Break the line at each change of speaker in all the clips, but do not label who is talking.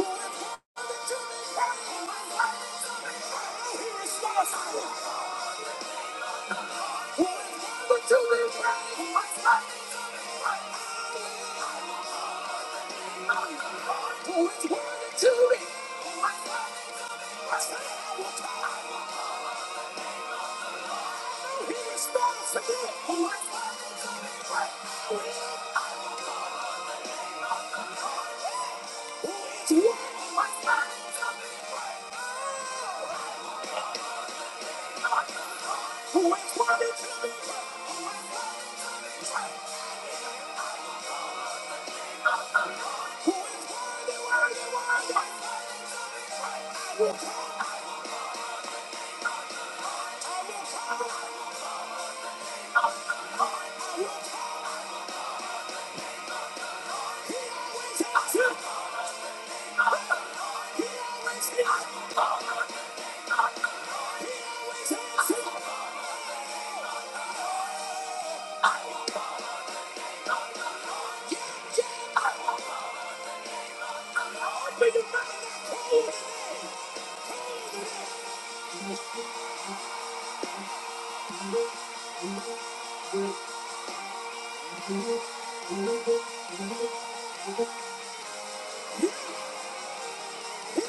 Who is you. I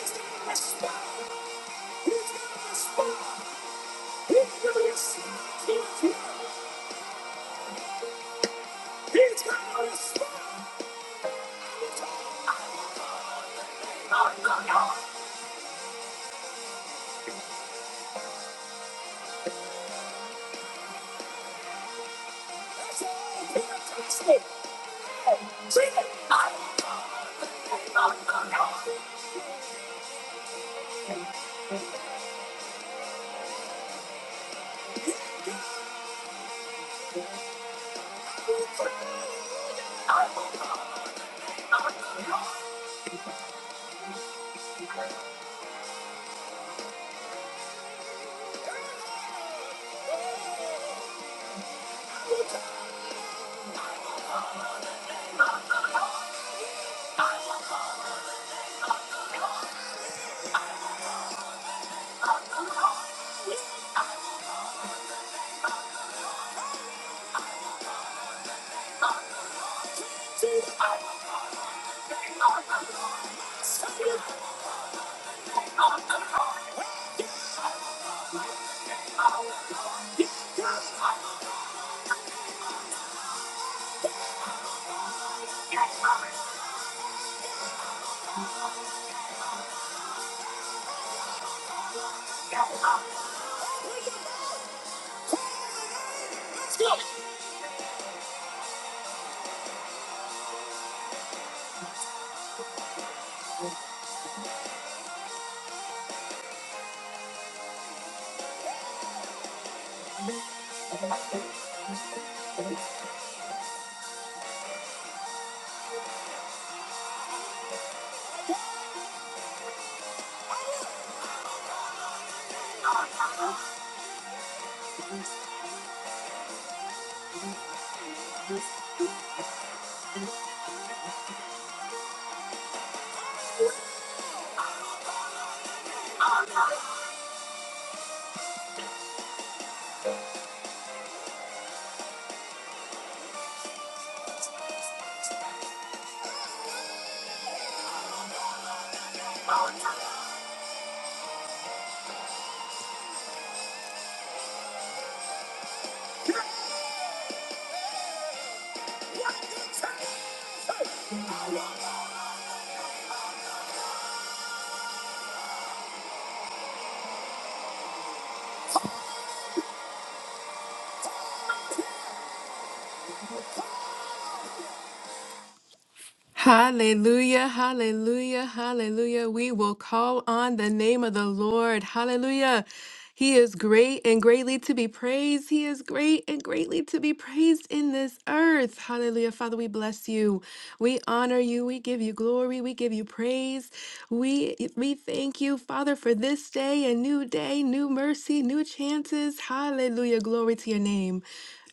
Hallelujah, hallelujah, hallelujah. We will call on the name of the Lord. Hallelujah. He is great and greatly to be praised. He is great and greatly to be praised in this earth. Hallelujah. Father, we bless you. We honor you. We give you glory. We give you praise. We we thank you, Father, for this day, a new day, new mercy, new chances. Hallelujah. Glory to your name.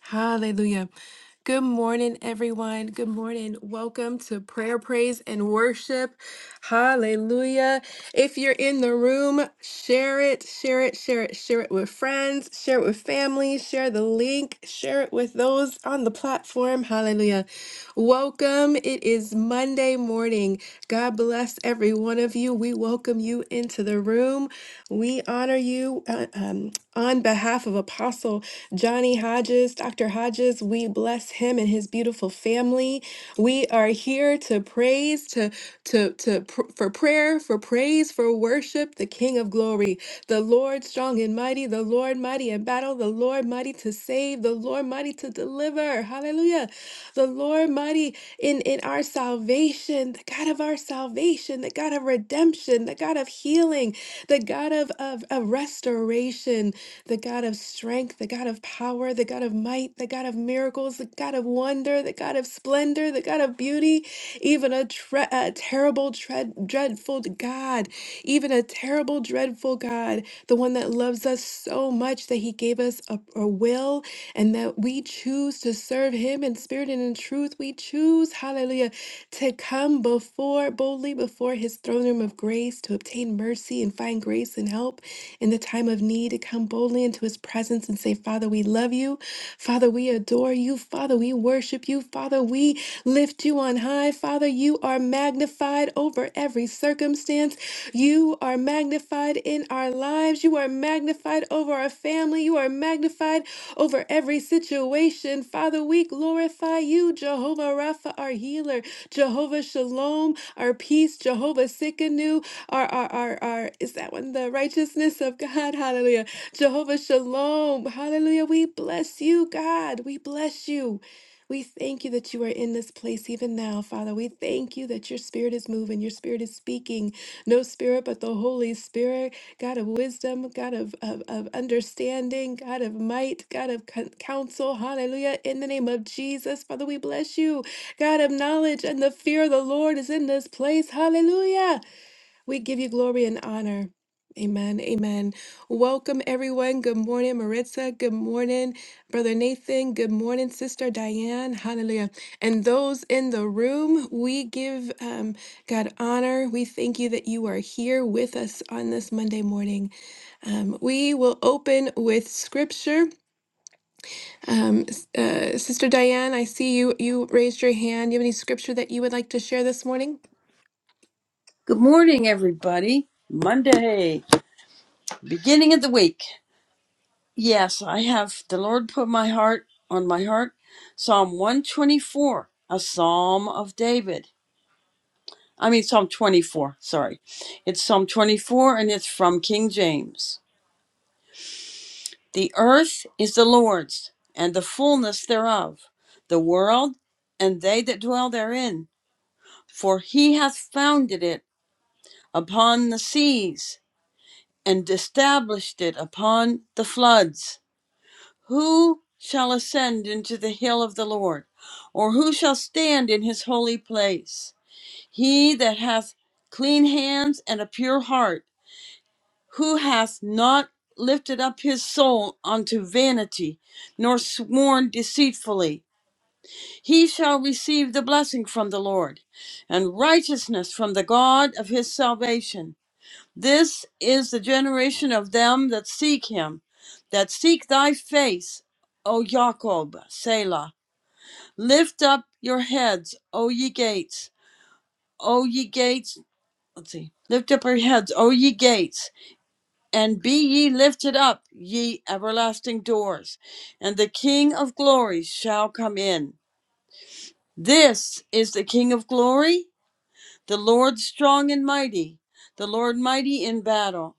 Hallelujah. Good morning, everyone. Good morning. Welcome to prayer, praise, and worship. Hallelujah. If you're in the room, share it, share it, share it, share it with friends, share it with family, share the link, share it with those on the platform. Hallelujah. Welcome. It is Monday morning. God bless every one of you. We welcome you into the room. We honor you uh, um, on behalf of Apostle Johnny Hodges, Dr. Hodges. We bless him and his beautiful family. We are here to praise, to to to pr- for prayer, for praise, for worship, the King of Glory, the Lord strong and mighty, the Lord mighty in battle, the Lord mighty to save, the Lord mighty to deliver. Hallelujah. The Lord mighty in, in our salvation, the God of our salvation, the God of redemption, the God of healing, the God of, of, of restoration, the God of strength, the God of power, the God of might, the God of miracles, the God of wonder, the God of splendor, the God of beauty, even a, tre- a terrible, dread, dreadful merciful God, even a terrible, dreadful God, the one that loves us so much that he gave us a, a will and that we choose to serve him in spirit and in truth. We choose, hallelujah, to come before boldly before his throne room of grace to obtain mercy and find grace and help in the time of need, to come boldly into his presence and say, Father, we love you. Father, we adore you. Father, we worship worship you, Father. We lift you on high, Father. You are magnified over every circumstance. You are magnified in our lives. You are magnified over our family. You are magnified over every situation. Father, we glorify you, Jehovah Rapha, our healer, Jehovah Shalom, our peace, Jehovah Sikkenu, our, our, our, our, is that one the righteousness of God? Hallelujah. Jehovah Shalom. Hallelujah. We bless you, God. We bless you. We thank you that you are in this place even now, Father. We thank you that your spirit is moving, your spirit is speaking. No spirit but the Holy Spirit, God of wisdom, God of, of, of understanding, God of might, God of con- counsel. Hallelujah. In the name of Jesus, Father, we bless you. God of knowledge and the fear of the Lord is in this place. Hallelujah. We give you glory and honor. Amen. Amen. Welcome, everyone. Good morning, Maritza. Good morning, Brother Nathan. Good morning, Sister Diane. Hallelujah. And those in the room, we give um, God honor. We thank you that you are here with us on this Monday morning. Um, we will open with scripture. Um, s- uh, Sister Diane, I see you. You raised your hand. You have any scripture that you would like to share this morning?
Good morning, everybody. Monday, beginning of the week. Yes, I have the Lord put my heart on my heart. Psalm 124, a psalm of David. I mean, Psalm 24, sorry. It's Psalm 24 and it's from King James. The earth is the Lord's and the fullness thereof, the world and they that dwell therein. For he hath founded it upon the seas and established it upon the floods. Who shall ascend into the hill of the Lord, or who shall stand in his holy place? He that hath clean hands and a pure heart, who hath not lifted up his soul unto vanity, nor sworn deceitfully, he shall receive the blessing from the Lord, and righteousness from the God of his salvation. This is the generation of them that seek him, that seek thy face, O Jacob, Selah. Lift up your heads, O ye gates, O ye gates. Let's see. Lift up your heads, O ye gates, and be ye lifted up, ye everlasting doors, and the King of glory shall come in. This is the King of glory, the Lord strong and mighty, the Lord mighty in battle.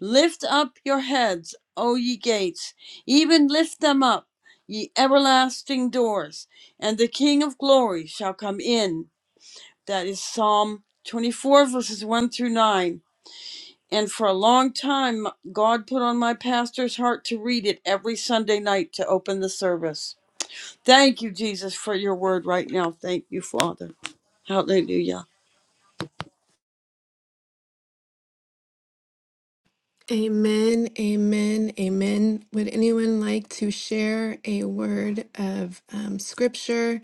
Lift up your heads, O ye gates, even lift them up, ye everlasting doors, and the King of glory shall come in. That is Psalm 24, verses 1 through 9. And for a long time, God put on my pastor's heart to read it every Sunday night to open the service. Thank you, Jesus, for your word right now. Thank you, Father. Hallelujah.
Amen, amen, amen. Would anyone like to share a word of um, scripture?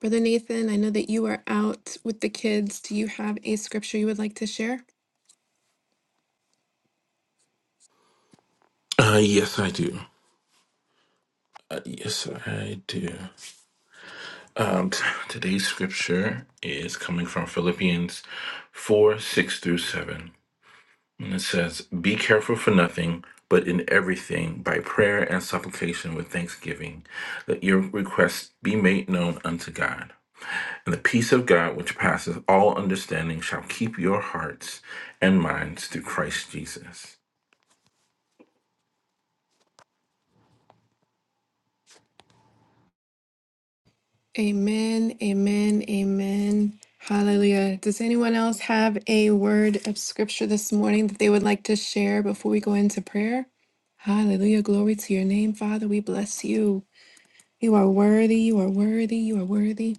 Brother Nathan, I know that you are out with the kids. Do you have a scripture you would like to share?
Uh, yes, I do. Uh, yes, I do. Um, t- today's scripture is coming from Philippians 4 6 through 7. And it says, Be careful for nothing, but in everything, by prayer and supplication with thanksgiving, let your requests be made known unto God. And the peace of God, which passeth all understanding, shall keep your hearts and minds through Christ Jesus.
Amen, amen, amen. Hallelujah. Does anyone else have a word of scripture this morning that they would like to share before we go into prayer? Hallelujah. Glory to your name, Father. We bless you. You are worthy. You are worthy. You are worthy.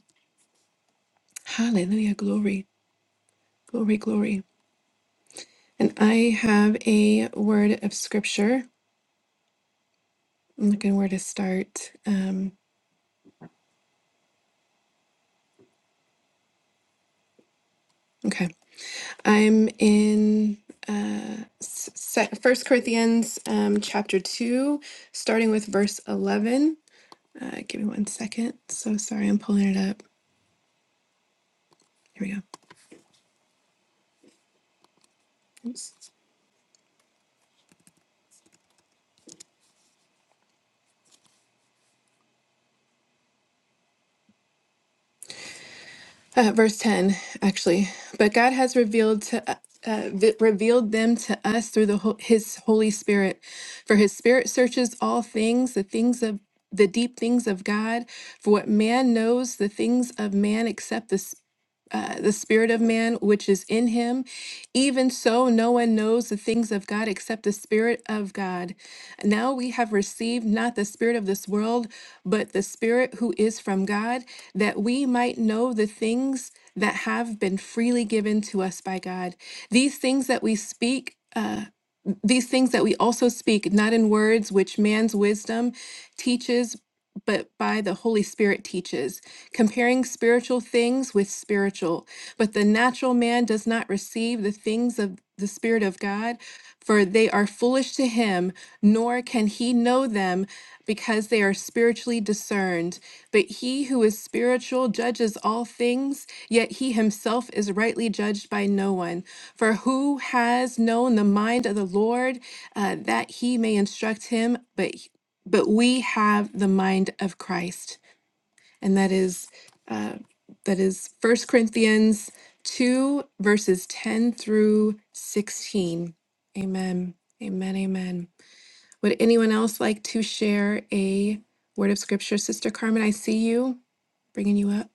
Hallelujah. Glory. Glory, glory. And I have a word of scripture. I'm looking where to start. Um, okay. I'm in First Corinthians um, chapter 2, starting with verse 11. Uh, give me one second. So sorry, I'm pulling it up. Here we go. Oops. uh, verse 10 actually but god has revealed to uh, vi- revealed them to us through the ho- his holy spirit for his spirit searches all things the things of the deep things of god for what man knows the things of man except the uh, the spirit of man which is in him. Even so, no one knows the things of God except the spirit of God. Now we have received not the spirit of this world, but the spirit who is from God, that we might know the things that have been freely given to us by God. These things that we speak. Uh, these things that we also speak, not in words which man's wisdom teaches, but by the Holy Spirit teaches, comparing spiritual things with spiritual. But the natural man does not receive the things of the Spirit of God, for they are foolish to him, nor can he know them because they are spiritually discerned. But he who is spiritual judges all things, yet he himself is rightly judged by no one. For who has known the mind of the Lord uh, that he may instruct him? But but we have the mind of Christ and that is uh, that is First Corinthians two verses ten through sixteen. Amen. Amen. Amen. Would anyone else like to share a word of scripture, Sister Carmen? I see you bringing you up.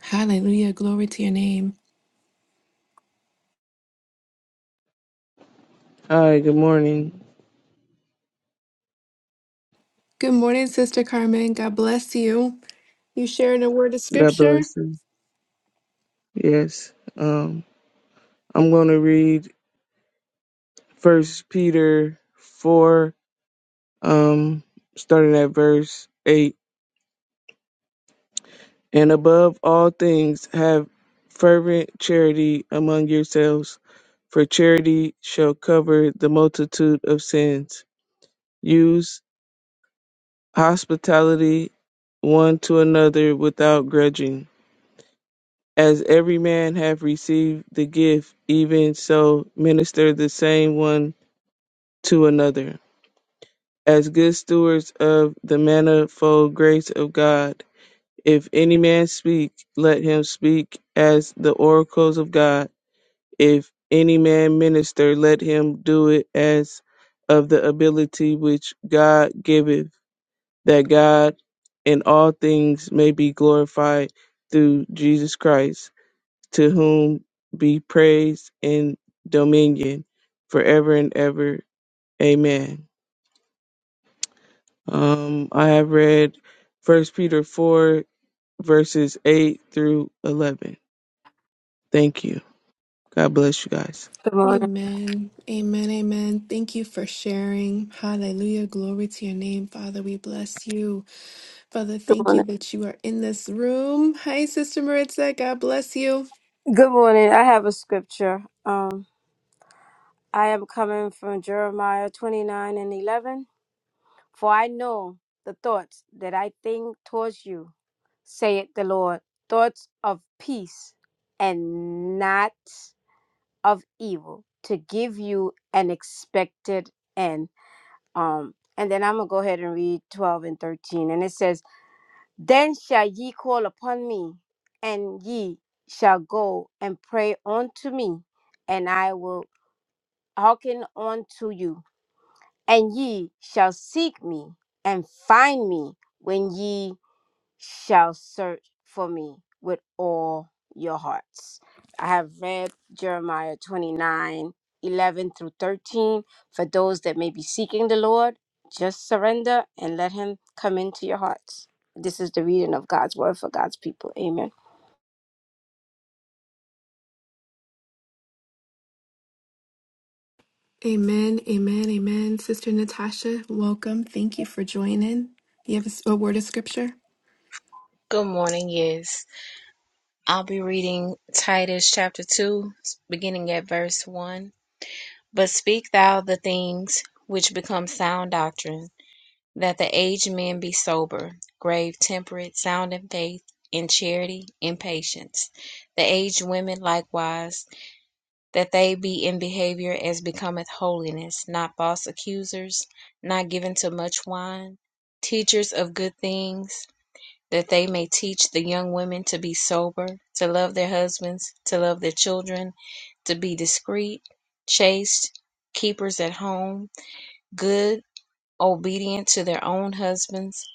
Hallelujah. Glory to your name.
Hi, good morning.
Good morning, Sister Carmen. God bless you. You sharing a word of
God
scripture?
bless you. Yes. Um, I'm going to read First Peter 4, um, starting at verse 8. And above all things, have fervent charity among yourselves, for charity shall cover the multitude of sins. Use hospitality one to another without grudging. As every man hath received the gift, even so minister the same one to another, as good stewards of the manifold grace of God. If any man speak, let him speak as the oracles of God. If any man minister, let him do it as of the ability which God giveth, that God in all things may be glorified through Jesus Christ to whom be praise and dominion forever and ever. Amen. Um, I have read First Peter 4, verses 8 through 11. Thank you. God bless you guys.
Good morning.
Amen. Amen. Amen. Thank you for sharing. Hallelujah. Glory to your name, Father. We bless you. Father,
Good
thank you
morning.
that you are in this room. Hi, Sister Maritza. God bless you.
Good morning. I have a scripture. Um, I am coming from Jeremiah 29 and 11. For I know the thoughts that I think towards you, saith the Lord, thoughts of peace and not of evil, to give you an expected end. Um, and then I'm gonna go ahead and read 12 and 13. And it says, Then shall ye call upon me, and ye shall go and pray unto me, and I will hearken unto you. And ye shall seek me and find me when ye shall search for me with all your hearts. I have read Jeremiah 29 11 through 13. For those that may be seeking the Lord, just surrender and let Him come into your hearts. This is the reading of God's word for God's people. Amen.
Amen, amen, amen. Sister Natasha, welcome. Thank you for joining. You have a, s- a word of scripture?
Good morning, yes. I'll be reading Titus chapter 2, beginning at verse 1. But speak thou the things which become sound doctrine, that the aged men be sober, grave, temperate, sound in faith, in charity, in patience. The aged women likewise, that they be in behavior as becometh holiness, not false accusers, not given to much wine, teachers of good things that they may teach the young women to be sober, to love their husbands, to love their children, to be discreet, chaste, keepers at home, good, obedient to their own husbands,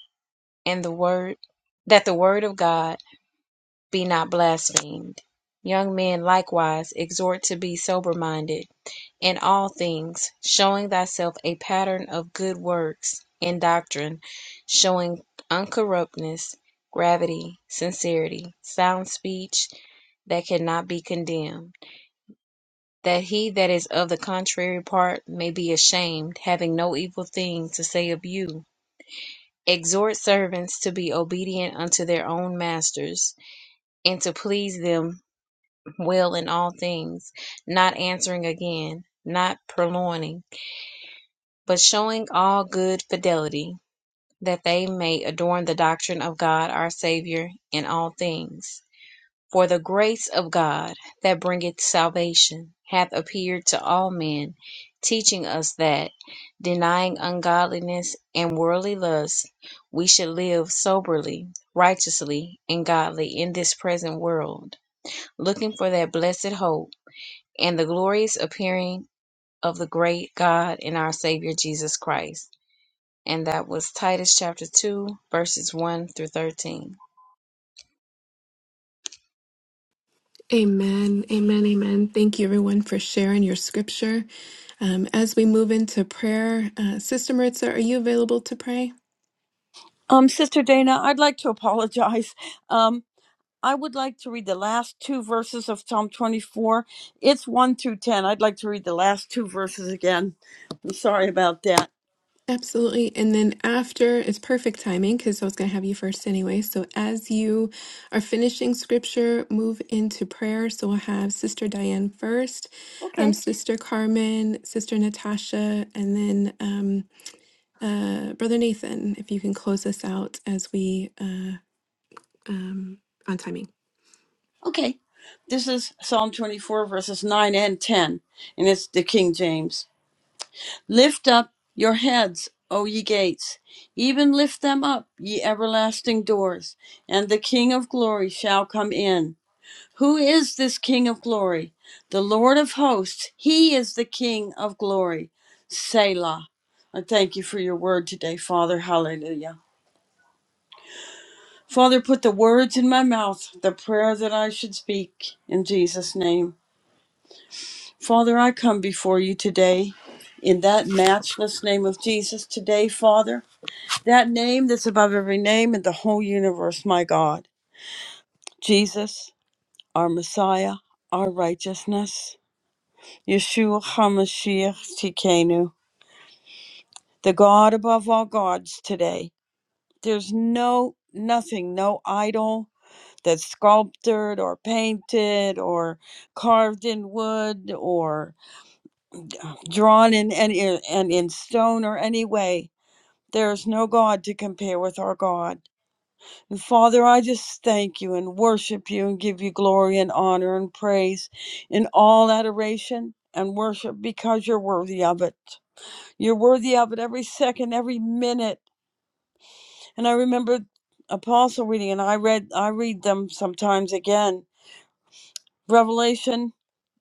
and the word that the word of God be not blasphemed. Young men likewise exhort to be sober minded in all things, showing thyself a pattern of good works and doctrine, showing uncorruptness, gravity, sincerity, sound speech that cannot be condemned, that he that is of the contrary part may be ashamed, having no evil thing to say of you. Exhort servants to be obedient unto their own masters, and to please them well in all things, not answering again, not purloining but showing all good fidelity, that they may adorn the doctrine of God our Saviour in all things. For the grace of God that bringeth salvation hath appeared to all men, teaching us that, denying ungodliness and worldly lusts, we should live soberly, righteously, and godly in this present world, looking for that blessed hope and the glorious appearing of the great God and our Savior Jesus Christ and that was Titus chapter 2, verses 1 through 13.
Amen, amen, amen. Thank you, everyone, for sharing your scripture. Um, as we move into prayer, uh, Sister Maritza, are you available to pray?
Um, Sister Dana, I'd like to apologize. Um. I would like to read the last two verses of Psalm 24. It's 1 through 10. I'd like to read the last two verses again. I'm sorry about that.
Absolutely. And then after, it's perfect timing because I was going to have you first anyway. So as you are finishing scripture, move into prayer. So we'll have Sister Diane first, um,
Okay.
Sister Carmen, Sister Natasha, and then um, uh, Brother Nathan, if you can close us out as we uh, um, on timing.
Okay. This is Psalm 24, verses 9 and 10, and it's the King James. Lift up your heads, O ye gates, even lift them up, ye everlasting doors, and the King of glory shall come in. Who is this King of glory? The Lord of hosts. He is the King of glory. Selah. I thank you for your word today, Father. Hallelujah. Father, put the words in my mouth, the prayer that I should speak in Jesus' name. Father, I come before you today in that matchless name of Jesus today, Father. That name that's above every name in the whole universe, my God. Jesus, our Messiah, our righteousness. Yeshua HaMashiach Tikenu, the God above all gods today. There's no, nothing, no idol that's sculpted or painted or carved in wood or drawn in any, and in stone or any way. There is no God to compare with our God. And Father, I just thank you and worship you and give you glory and honor and praise in all adoration and worship because you're worthy of it. You're worthy of it every second, every minute. And I remember Apostle reading, and I read, I read them sometimes again. Revelation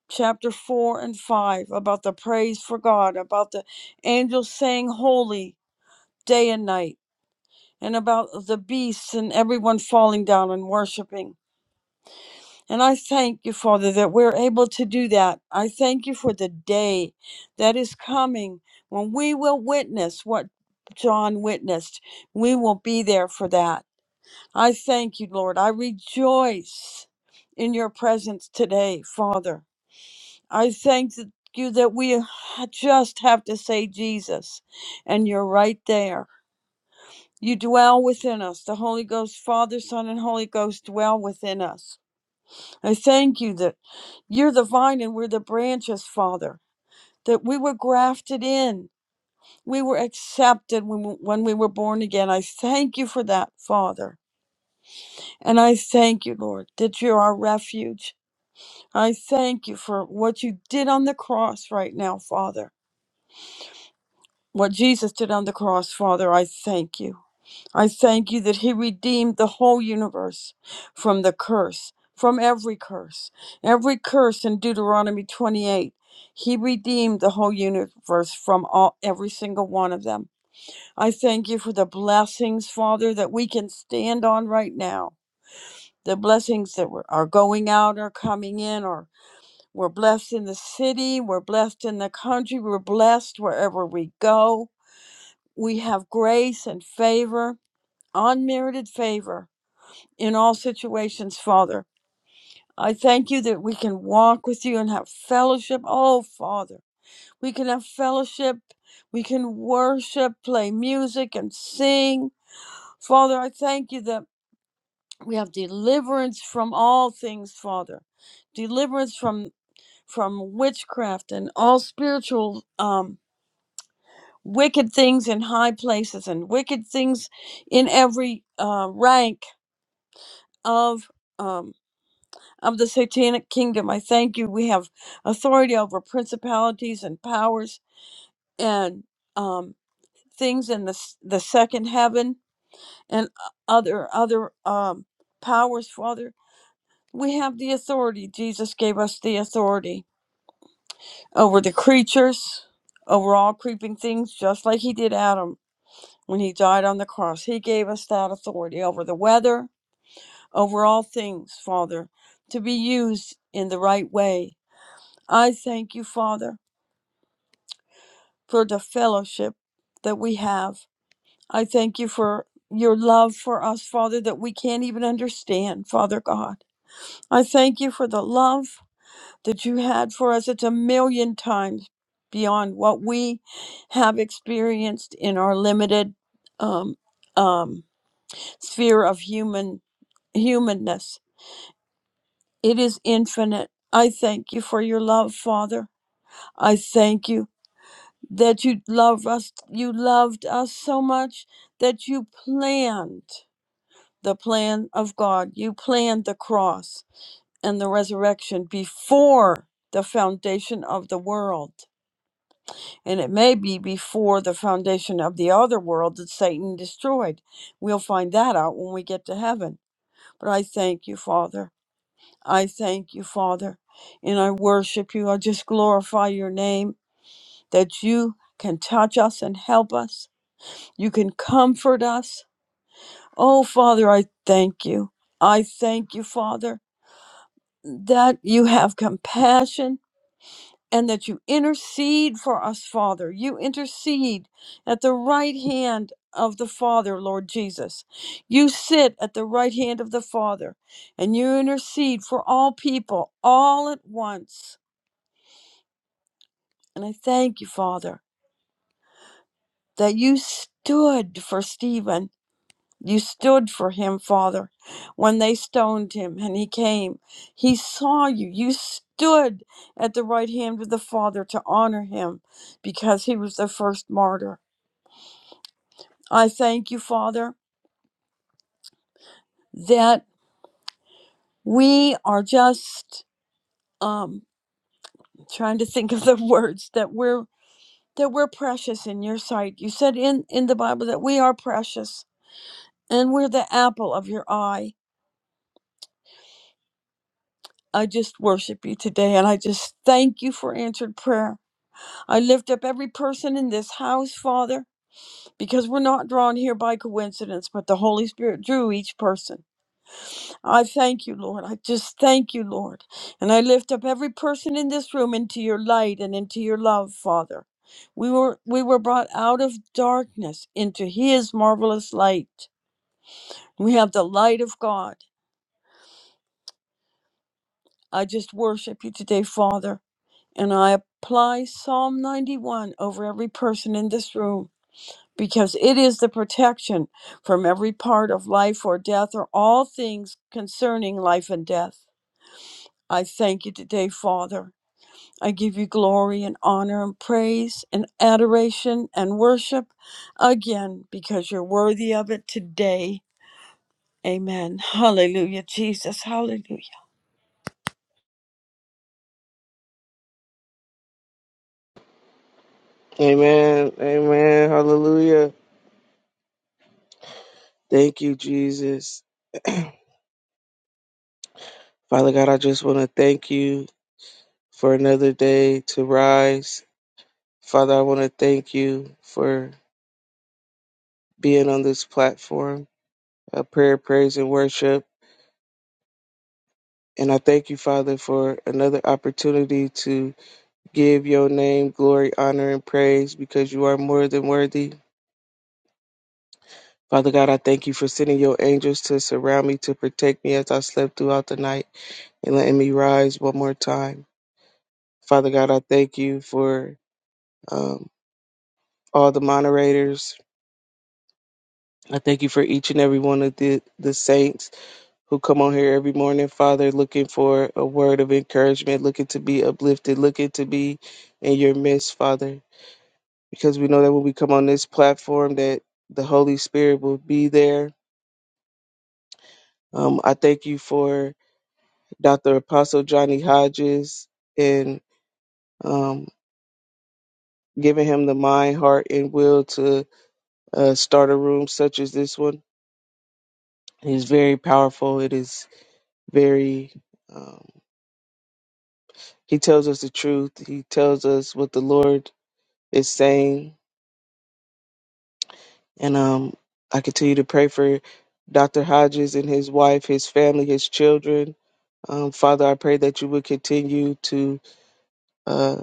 chapter four and five about the praise for God, about the angels saying holy day and night, and about the beasts and everyone falling down and worshiping. And I thank you, Father, that we're able to do that. I thank you for the day that is coming when we will witness what John witnessed. We will be there for that. I thank you, Lord. I rejoice in your presence today, Father. I thank th- you that we just have to say Jesus, and you're right there. You dwell within us. The Holy Ghost, Father, Son, and Holy Ghost dwell within us. I thank you that. You're the vine and we're the branches, Father. That we were grafted in. We were accepted when we, when we were born again. I thank you for that, Father. And I thank you, Lord, that you're our refuge. I thank you for what you did on the cross right now, Father. What Jesus did on the cross, Father, I thank you. I thank you that He redeemed the whole universe from the curse, from every curse. Every curse in Deuteronomy 28, He redeemed the whole universe from all, every single one of them. I thank you for the blessings, Father, that we can stand on right now. The blessings that were- are going out are coming in, or we're blessed in the city, we're blessed in the country, we're blessed wherever we go. We have grace and favor, unmerited favor in all situations, Father. I thank you that we can walk with you and have fellowship. Oh, Father, we can have fellowship. We can worship, play music, and sing. Father, I thank you that we have deliverance from all things, Father. Deliverance from from witchcraft and all spiritual um, wicked things in high places and wicked things in every uh, rank of um, of the satanic kingdom. I thank you. We have authority over principalities and powers and um, things in the s- the second heaven and uh, other other um, powers. Father, we have the authority. Jesus gave us the authority over the creatures, over all creeping things, just like He did Adam when He died on the cross. He gave us that authority over the weather, over all things, Father, to be used in the right way. I thank you, Father for the fellowship that we have. I thank you for your love for us, Father, that we can't even understand, Father God. I thank you for the love that you had for us. It's a million times beyond what we have experienced in our limited um, um, sphere of human humanness. It is infinite. I thank you for your love, Father. I thank you that you love us you loved us so much that you planned the plan of God you planned the cross and the resurrection before the foundation of the world and it may be before the foundation of the other world that Satan destroyed we'll find that out when we get to heaven but I thank you father I thank you father and I worship you I just glorify your name that you can touch us and help us You can comfort us. Oh, Father, I thank you. I thank you, Father, that you have compassion and that you intercede for us, Father. You intercede at the right hand of the Father, Lord Jesus. You sit at the right hand of the Father and you intercede for all people all at once. And I thank you, Father, that you stood for Stephen You stood for him, Father, when they stoned him and he came. He saw you. You stood at the right hand of the Father to honor him because he was the first martyr. I thank you, Father, that we are just um trying to think of the words that we're that we're precious in your sight. You said in in the Bible that we are precious and we're the apple of your eye. I just worship you today and I just thank you for answered prayer. I lift up every person in this house, Father, because we're not drawn here by coincidence, but the Holy Spirit drew each person. I thank you, Lord. I just thank you, Lord. And I lift up every person in this room into your light and into your love, Father. We were we were brought out of darkness into his marvelous light. We have the light of God. I just worship you today, Father. And I apply Psalm 91 over every person in this room. because it is the protection from every part of life or death or all things concerning life and death. I thank you today, Father. I give you glory and honor and praise and adoration and worship again because you're worthy of it today. Amen. Hallelujah, Jesus. Hallelujah.
Amen. Amen. Hallelujah. Thank you, Jesus. Father God, I just want to thank you for another day to rise. Father, I want to thank you for being on this platform, a prayer, praise, and worship. And I thank you, Father, for another opportunity to give your name glory, honor, and praise because you are more than worthy. Father God, I thank you for sending your angels to surround me, to protect me as I slept throughout the night and letting me rise one more time. Father God, I thank you for um, all the moderators. I thank you for each and every one of the, the saints who come on here every morning, Father, looking for a word of encouragement, looking to be uplifted, looking to be in your midst, Father. because we know that when we come on this platform that the Holy Spirit will be there. Um, I thank you for Dr. Apostle Johnny Hodges and um, giving him the mind, heart, and will to uh, start a room such as this one. It is very powerful. It is very, um, he tells us the truth. He tells us what the Lord is saying And um, I continue to pray for Dr. Hodges and his wife, his family, his children. Um, Father, I pray that you would continue to uh,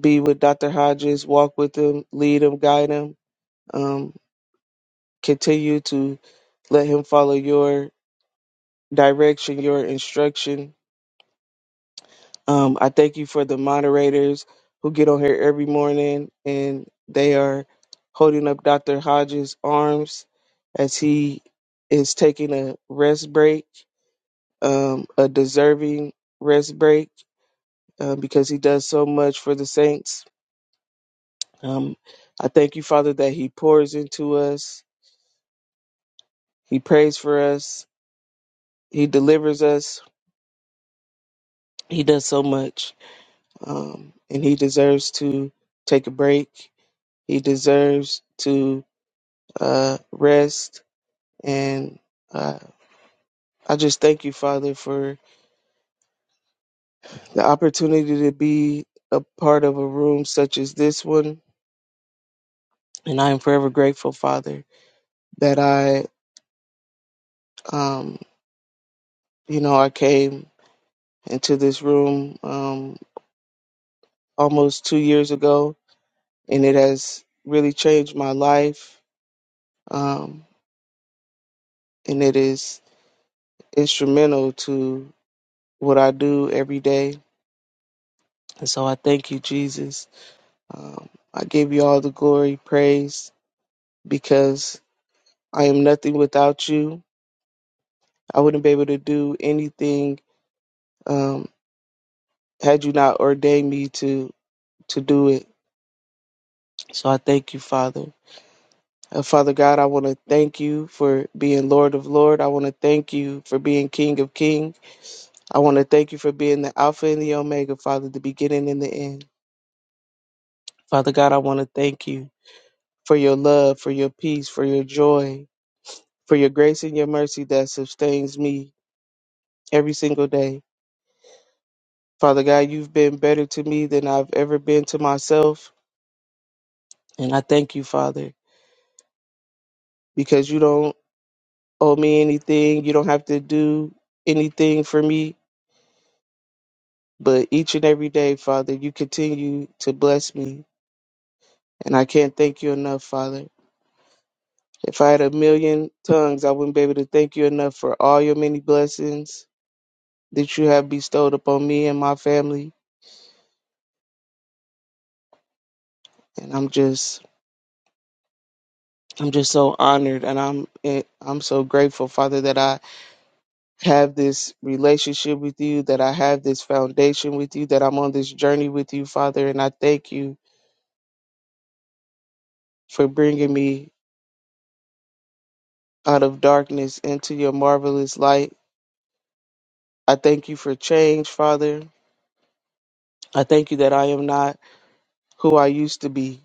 be with Dr. Hodges, walk with him, lead him, guide him. Um, continue to let him follow your direction, your instruction Um, I thank you for the moderators who get on here every morning and they are holding up Dr. Hodges' arms as he is taking a rest break, um, a deserving rest break, uh, because he does so much for the saints. Um, I thank you, Father, that he pours into us, he prays for us, he delivers us, he does so much. Um, and he deserves to take a break, he deserves to uh, rest. And uh, I just thank you, Father, for the opportunity to be a part of a room such as this one. And I am forever grateful, Father, that I, um, you know, I came into this room um, almost two years ago, and it has really changed my life. Um, and it is instrumental to what I do every day. And so I thank you, Jesus Um, I give you all the glory, praise, because I am nothing without you. I wouldn't be able to do anything um, had you not ordained me to to do it. So I thank you, Father. Uh, Father God, I want to thank you for being Lord of Lord. I want to thank you for being King of King. I want to thank you for being the Alpha and the Omega, Father, the beginning and the end. Father God, I want to thank you for your love, for your peace, for your joy, for your grace and your mercy that sustains me. every single day. Father God, you've been better to me than I've ever been to myself. And I thank you, Father, because you don't owe me anything. You don't have to do anything for me. But each and every day, Father, you continue to bless me. And I can't thank you enough, Father. If I had a million tongues, I wouldn't be able to thank you enough for all your many blessings that you have bestowed upon me and my family. And I'm just, I'm just so honored, and I'm, eh, I'm so grateful, Father, that I have this relationship with you, that I have this foundation with you, that I'm on this journey with you, Father. And I thank you for bringing me out of darkness into your marvelous light. I thank you for change, Father. I thank you that I am not who I used to be.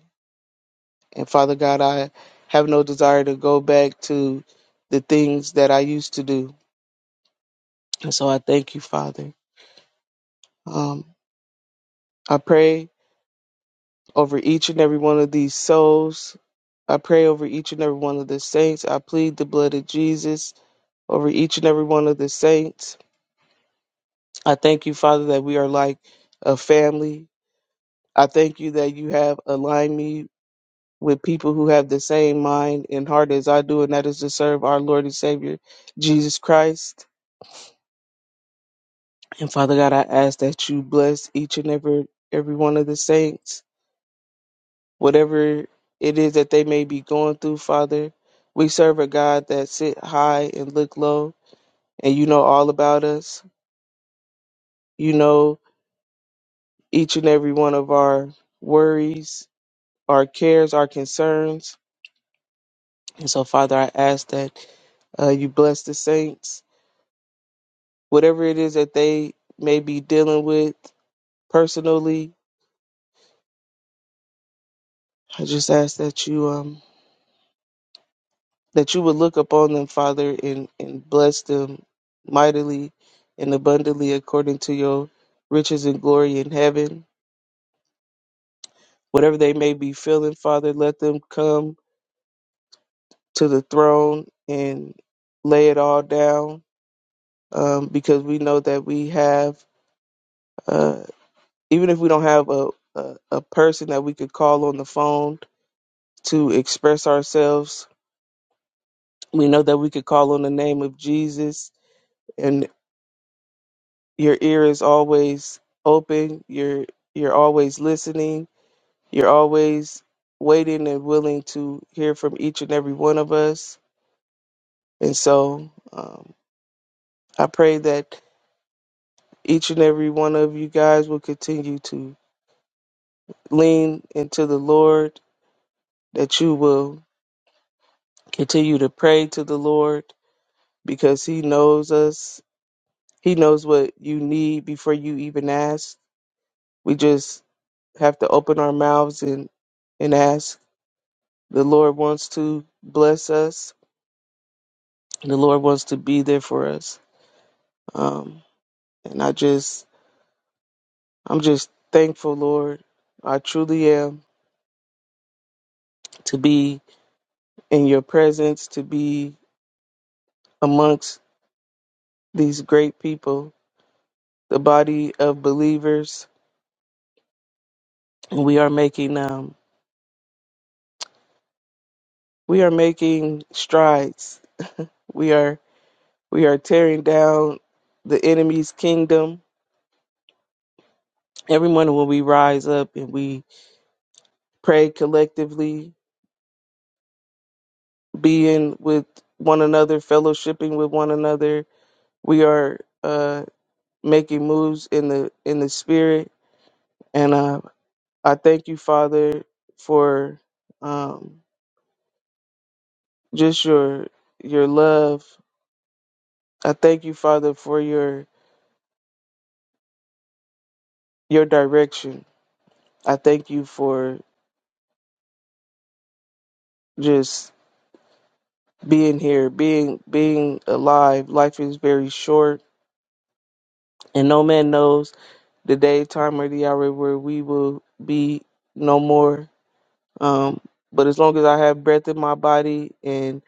And Father God, I have no desire to go back to the things that I used to do. And so I thank you, Father. Um, I pray over each and every one of these souls I pray over each and every one of the saints. I plead the blood of Jesus over each and every one of the saints. I thank you, Father, that we are like a family. I thank you that you have aligned me with people who have the same mind and heart as I do, and that is to serve our Lord and Savior, Jesus Christ. And Father God, I ask that you bless each and every every one of the saints, whatever it is that they may be going through, Father. We serve a God that sit high and look low. and you know all about us. You know each and every one of our worries, our cares, our concerns. And so, Father, I ask that uh, you bless the saints, whatever it is that they may be dealing with personally. I just ask that you um that you would look upon them, Father, and and bless them mightily and abundantly according to your riches and glory in heaven. Whatever they may be feeling, Father, let them come to the throne and lay it all down um, because we know that we have, uh, even if we don't have a, a, a person that we could call on the phone to express ourselves, we know that we could call on the name of Jesus and your ear is always open. You're, you're always listening. You're always waiting and willing to hear from each and every one of us. And so um, I pray that each and every one of you guys will continue to lean into the Lord, that you will continue to pray to the Lord because He knows us. He knows what you need before you even ask. We just have to open our mouths and, and ask. The Lord wants to bless us. The Lord wants to be there for us. Um, and I just, I'm just thankful, Lord. I truly am to be in your presence, to be amongst these great people, the body of believers, and we are making um we are making strides. We are we are tearing down the enemy's kingdom. Every morning when we rise up and we pray collectively, being with one another, fellowshipping with one another, we are uh making moves in the in the spirit. And uh I thank you, Father, for um just your your love I thank you, Father, for your your direction. I thank you for just being here, being being alive. Life is very short, and no man knows the day, time, or the hour where we will be no more. Um, but as long as I have breath in my body and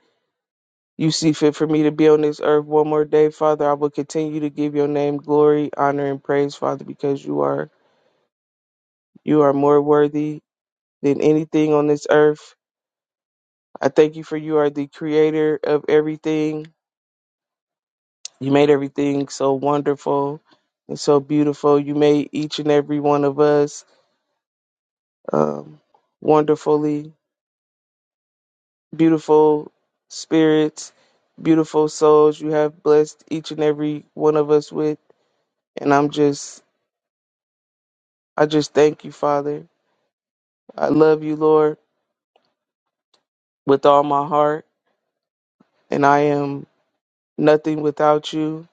you see fit for me to be on this earth one more day, Father, I will continue to give your name glory, honor, and praise, Father, because you are you are more worthy than anything on this earth I thank you for you are the creator of everything. You made everything so wonderful and so beautiful. You made each and every one of us um, wonderfully beautiful spirits, beautiful souls. You have blessed each and every one of us with. And I'm just, I just thank you, Father. I love you, Lord, with all my heart. And I am nothing without you.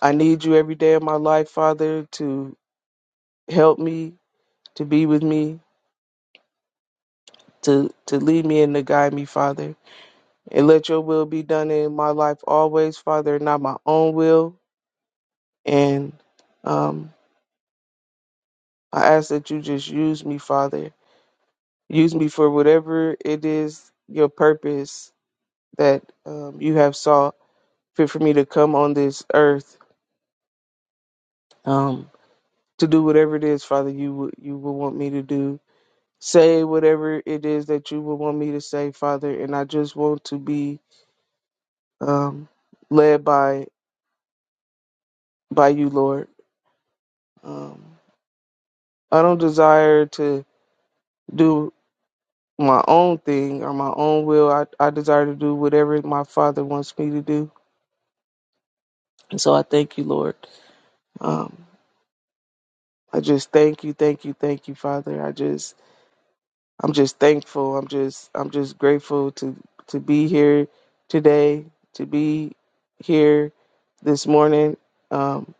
I need you every day of my life, Father, to help me, to be with me, to, to lead me and to guide me, Father. And let your will be done in my life always, Father, not my own will. And um, I ask that you just use me, Father. Use me for whatever it is your purpose that um, you have saw fit for me to come on this earth um, to do whatever it is, Father, you, would you will want me to do. Say whatever it is that you would want me to say, Father. And I just want to be um, led by by you, Lord. Um, I don't desire to do my own thing or my own will. I, I desire to do whatever my Father wants me to do. And so I thank you, Lord. Um, I just thank you, thank you, thank you, Father. I just, I'm just thankful. I'm just, I'm just grateful to to be here today, to be here this morning. Um,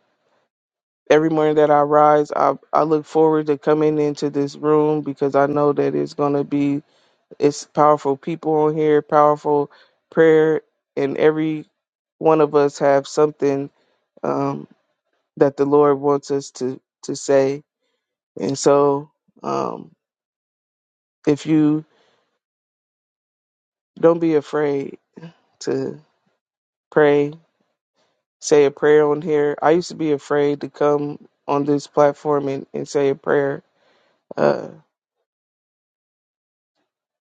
every morning that I rise, I I look forward to coming into this room because I know that it's gonna be It's powerful people on here, powerful prayer, and every one of us have something um, that the Lord wants us to to say. And so, um, if you don't be afraid to pray, say a prayer on here. I used to be afraid to come on this platform and, and say a prayer, uh,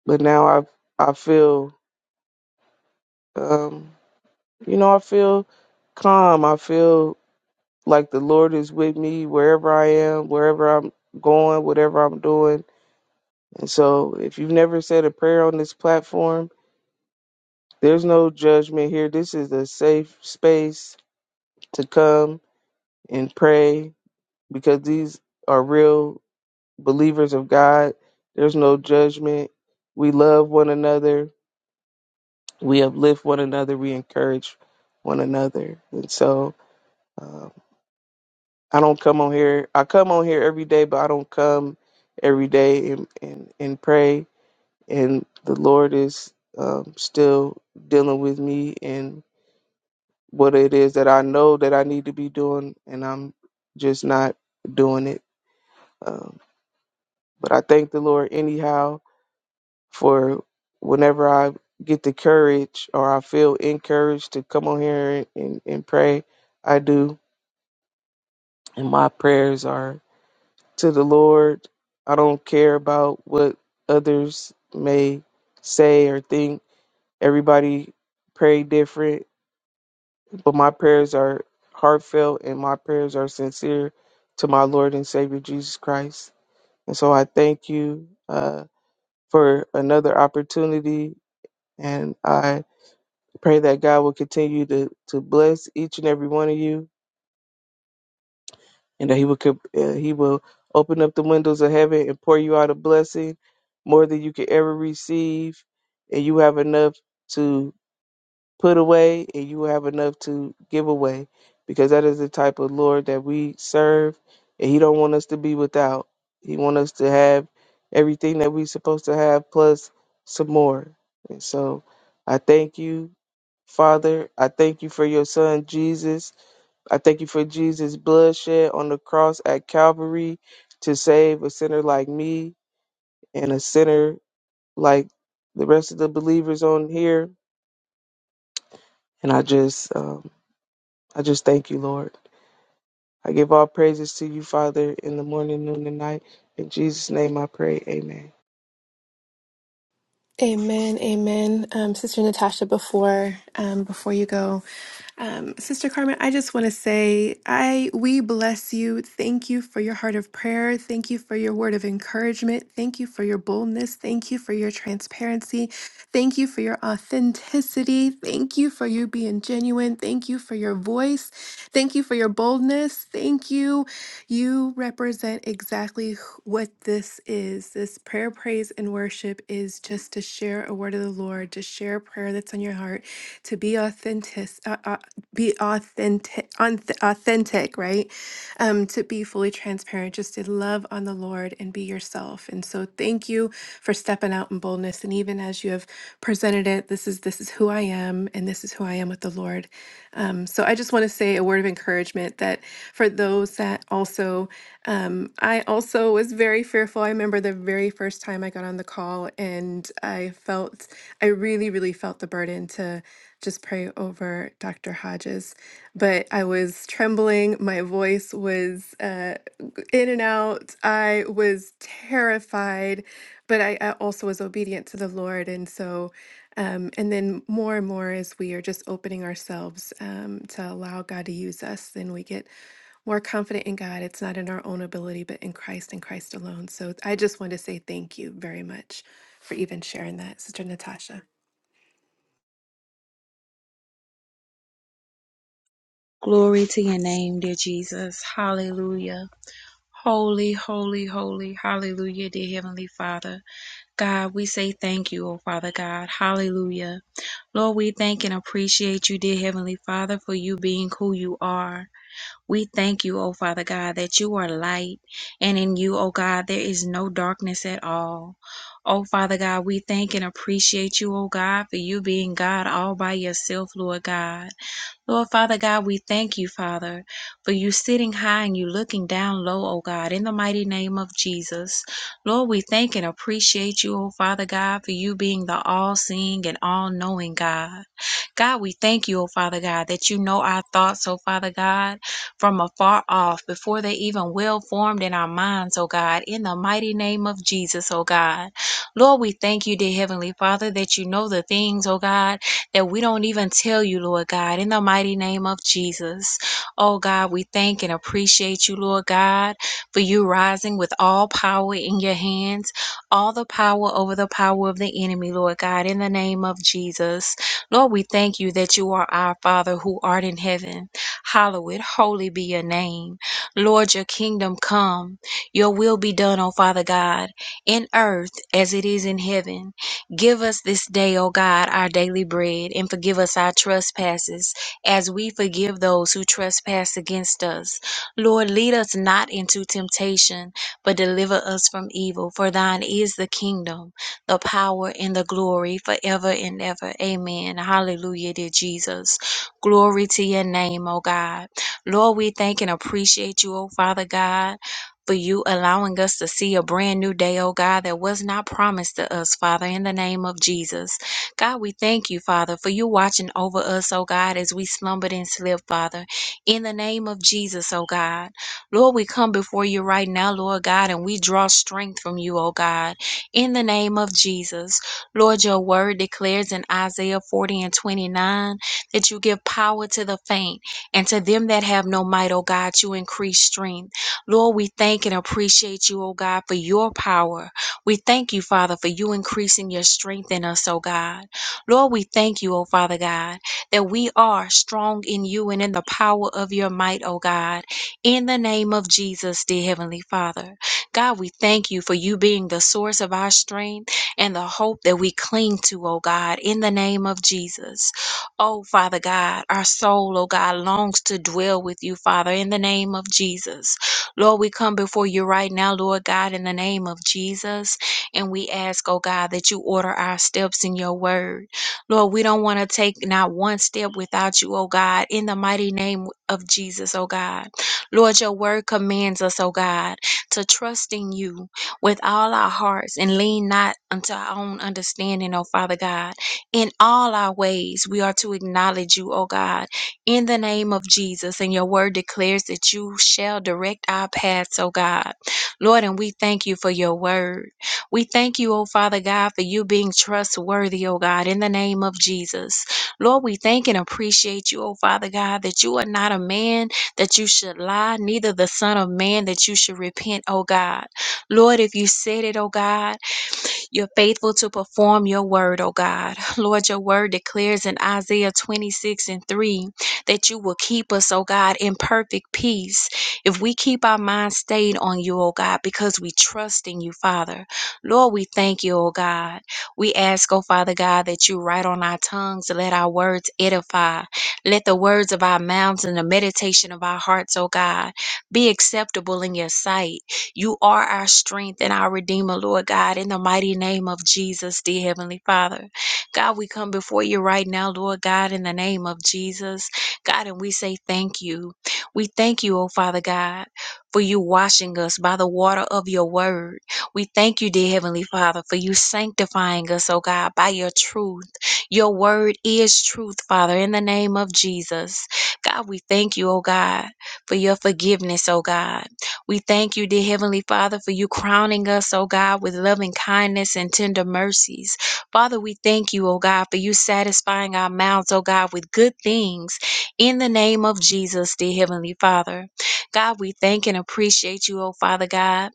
but now I I feel um, you know I feel calm. I feel Like the Lord is with me wherever I am, wherever I'm going, whatever I'm doing. And so if you've never said a prayer on this platform, there's no judgment here. This is a safe space to come and pray because these are real believers of God. There's no judgment. We love one another. We uplift one another. We encourage one another. And so um, I don't come on here. I come on here every day, but I don't come every day and and, and pray. And the Lord is um, still dealing with me and what it is that I know that I need to be doing, and I'm just not doing it. Um, but I thank the Lord anyhow for whenever I get the courage or I feel encouraged to come on here and, and pray. I do, and my prayers are. to the Lord. I don't care about what others may say or think. Everybody pray different, but my prayers are heartfelt and my prayers are sincere to my Lord and Savior Jesus Christ. And so I thank you uh, for another opportunity, and I pray that God will continue to, to bless each and every one of you and that he will com- uh, he will open up the windows of heaven and pour you out a blessing more than you could ever receive and you have enough to put away and you have enough to give away because that is the type of lord that we serve and he don't want us to be without he want us to have everything that we supposed to have plus some more and so i thank you father i thank you for your son jesus I thank you for Jesus' blood shed on the cross at Calvary to save a sinner like me and a sinner like the rest of the believers on here. And I just, um, I just thank you, Lord. I give all praises to you, Father, in the morning, noon, and night. In Jesus' name, I pray. Amen.
Amen, amen. Um, Sister Natasha, before um, before you go, um, Sister Carmen, I just want to say, I we bless you. Thank you for your heart of prayer. Thank you for your word of encouragement. Thank you for your boldness. Thank you for your transparency. Thank you for your authenticity. Thank you for you being genuine. Thank you for your voice. Thank you for your boldness. Thank you. You represent exactly wh- what this is. This prayer, praise, and worship is just to share a word of the Lord, to share a prayer that's on your heart, to be authentic, uh, uh, be authentic, unth- authentic, right? Um, to be fully transparent, just to love on the Lord and be yourself. And so, thank you for stepping out in boldness. And even as you have presented it, this is this is who I am, and this is who I am with the Lord. Um, so I just want to say a word of encouragement that for those that also, um, I also was very fearful. I remember the very first time I got on the call and I felt, I really, really felt the burden to just pray over Dr. Hodges. But I was trembling. My voice was uh, in and out. I was terrified, but I, I also was obedient to the Lord. And so, um, and then more and more, as we are just opening ourselves um, to allow God to use us, then we get more confident in God. It's not in our own ability, but in Christ and Christ alone. So I just want to say thank you very much for even sharing that, Sister Natasha.
Glory to your name, dear Jesus. Hallelujah. Holy, holy, holy, hallelujah, dear Heavenly Father. God, we say thank you, oh Father God. Hallelujah. Lord, we thank and appreciate you, dear Heavenly Father, for you being who you are. We thank you, O Father God, that you are light, and in you, O God, there is no darkness at all. O Father God, we thank and appreciate you, O God, for you being God all by yourself, Lord God. Lord Father God, we thank you, Father, for you sitting high and you looking down low, oh God, in the mighty name of Jesus. Lord, we thank and appreciate you, oh Father God, for you being the all seeing and all knowing God. God, we thank you, oh Father God, that you know our thoughts, oh Father God, from afar off, before they even well formed in our minds, oh God, in the mighty name of Jesus, oh God. Lord, we thank you, dear Heavenly Father, that you know the things, oh God, that we don't even tell you, Lord God, in the mighty name of Jesus. Oh God, we thank and appreciate you, Lord God, for you rising with all power in your hands, all the power over the power of the enemy, Lord God, in the name of Jesus. Lord, we thank you that you are our Father who art in heaven. Hallowed, holy be your name. Lord, your kingdom come, your will be done, O Father God, in earth as it is in heaven. Give us this day, O God, our daily bread, and forgive us our trespasses, as we forgive those who trespass against us. Lord, lead us not into temptation, but deliver us from evil. For thine is the kingdom, the power, and the glory forever and ever. Amen. Hallelujah, dear Jesus. Glory to your name, O God. Lord, we thank and appreciate you, O Father God for you allowing us to see a brand new day, oh God, that was not promised to us, Father, in the name of Jesus. God, we thank you, Father, for you watching over us, oh God, as we slumbered and slept, Father, in the name of Jesus, oh God. Lord, we come before you right now, Lord God, and we draw strength from you, oh God, in the name of Jesus. Lord, your word declares in Isaiah 40 and 29 that you give power to the faint, and to them that have no might, O God, you increase strength. Lord, we thank and appreciate you, oh God, for your power. We thank you, Father, for you increasing your strength in us, oh God. Lord, we thank you, oh Father God, that we are strong in you and in the power of your might, oh God. In the name of Jesus, dear Heavenly Father. God, we thank you for you being the source of our strength and the hope that we cling to, oh God, in the name of Jesus. Oh, Father God, our soul, oh God, longs to dwell with you, Father, in the name of Jesus. Lord, we come before you right now, Lord God, in the name of Jesus. And we ask, oh God, that you order our steps in your word. Lord, we don't want to take not one step without you, oh God, in the mighty name of Jesus, oh God. Lord, your word commands us, oh God, to trust in you with all our hearts and lean not unto our own understanding, oh Father God. In all our ways, we are to acknowledge you, oh God in the name of Jesus. And your word declares that you shall direct our paths, oh God. Lord, and we thank you for your word. We thank you, oh Father God, for you being trustworthy, oh God, in the name of Jesus. Lord, we thank and appreciate you, oh Father God, that you are not a man that you should lie, neither the Son of Man that you should repent, oh God. Lord, if you said it, oh God, you're faithful to perform your word, O God. Lord, your word declares in Isaiah 26 and 3 that you will keep us, O God, in perfect peace. If we keep our minds stayed on you, O God, because we trust in you, Father. Lord, we thank you, O God. We ask, O Father God, that you write on our tongues, let our words edify. Let the words of our mouths and the meditation of our hearts, O God, be acceptable in your sight. You are our strength and our Redeemer, Lord God, in the mighty name of Jesus, dear Heavenly Father. God, we come before you right now, Lord God, in the name of Jesus. God, and we say thank you. We thank you, oh Father God, for you washing us by the water of your word. We thank you, dear Heavenly Father, for you sanctifying us, oh God, by your truth. Your word is truth, Father, in the name of Jesus. God, we thank you, oh God, for your forgiveness, oh God. We thank you, dear Heavenly Father, for you crowning us, oh God, with loving kindness and tender mercies. Father, we thank you, oh God, for you satisfying our mouths, oh God, with good things in the name of Jesus, dear Heavenly Father. God, we thank and appreciate you, oh Father God.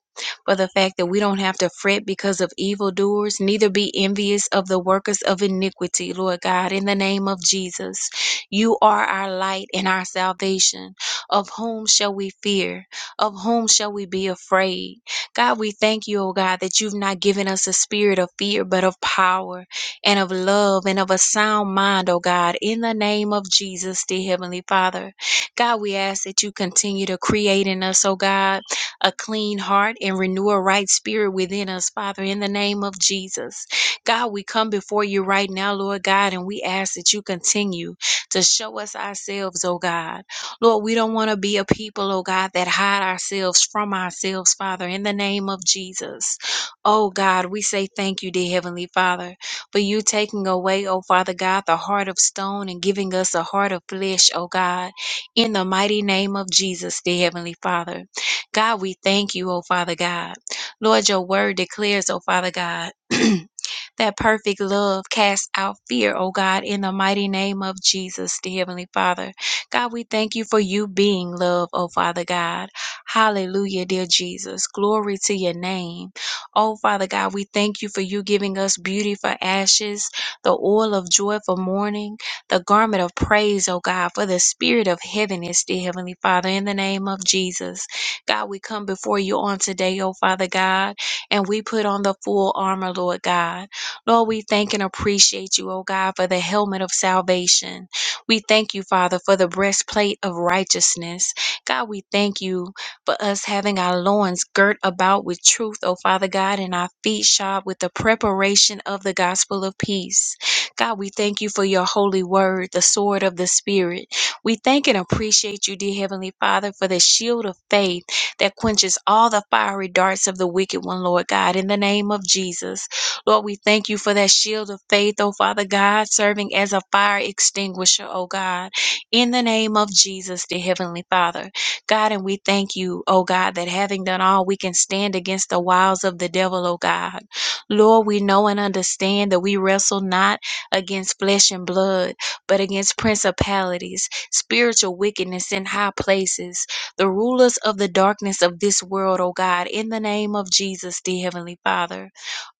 For the fact that we don't have to fret because of evildoers, neither be envious of the workers of iniquity, Lord God, in the name of Jesus. You are our light and our salvation. Of whom shall we fear? Of whom shall we be afraid? God, we thank you, oh God, that you've not given us a spirit of fear, but of power and of love and of a sound mind, oh God, in the name of Jesus, dear Heavenly Father. God, we ask that you continue to create in us, oh God, a clean heart and renew a right spirit within us, Father, in the name of Jesus. God, we come before you right now, Lord God, and we ask that you continue to show us ourselves, oh God. Lord, we don't want to be a people, oh God, that hide ourselves from ourselves, Father, in the name of Jesus. Oh God, we say thank you, dear Heavenly Father, for you taking away, oh Father God, the heart of stone and giving us a heart of flesh, oh God, in the mighty name of Jesus, dear Heavenly Father. God, we thank you, oh Father God. Lord, your word declares, oh Father God. That perfect love casts out fear, O God, in the mighty name of Jesus, dear Heavenly Father. God, we thank you for you being love, oh Father God. Hallelujah, dear Jesus. Glory to your name. Oh Father God, we thank you for you giving us beauty for ashes, the oil of joy for mourning, the garment of praise, oh God, for the spirit of heaviness, dear Heavenly Father, in the name of Jesus. God, we come before you on today, oh Father God, and we put on the full armor, Lord God. Lord, we thank and appreciate you, oh God, for the helmet of salvation. We thank you, Father, for the breastplate of righteousness. God, we thank you for us having our loins girt about with truth, O Father God, and our feet shod with the preparation of the gospel of peace. God, we thank you for your holy word, the sword of the Spirit. We thank and appreciate you, dear Heavenly Father, for the shield of faith that quenches all the fiery darts of the wicked one, Lord God, in the name of Jesus. Lord, we thank you for that shield of faith, oh Father God, serving as a fire extinguisher, oh God. In the name of Jesus, the Heavenly Father. God, and we thank you, oh God, that having done all, we can stand against the wiles of the devil, oh God. Lord, we know and understand that we wrestle not against flesh and blood, but against principalities, spiritual wickedness in high places, the rulers of the darkness of this world, O God, in the name of Jesus, the Heavenly Father.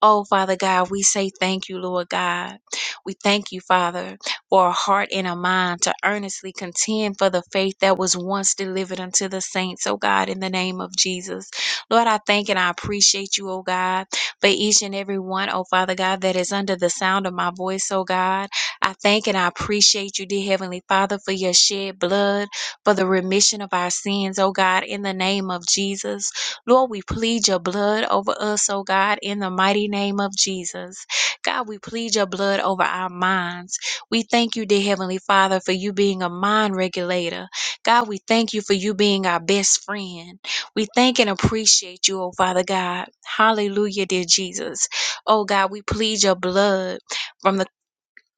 Oh, Father God, we say thank you, Lord God. We thank you, Father, for a heart and a mind to earnestly contend for the faith that was once delivered unto the saints, oh God, in the name of Jesus. Lord, I thank and I appreciate you, oh God, for each and every one, oh Father God, that is under the sound of my voice, oh God. I thank and I appreciate you, dear Heavenly Father, for your shed blood, for the remission of our sins, oh God, in the name of Jesus. Lord, we plead your blood over us, oh God, in the mighty name of Jesus. God, we plead your blood over our minds. We thank you, dear Heavenly Father, for you being a mind regulator. God, we thank you for you being our best friend. We thank and appreciate you, oh Father God. Hallelujah, dear Jesus. Oh God, we plead your blood from the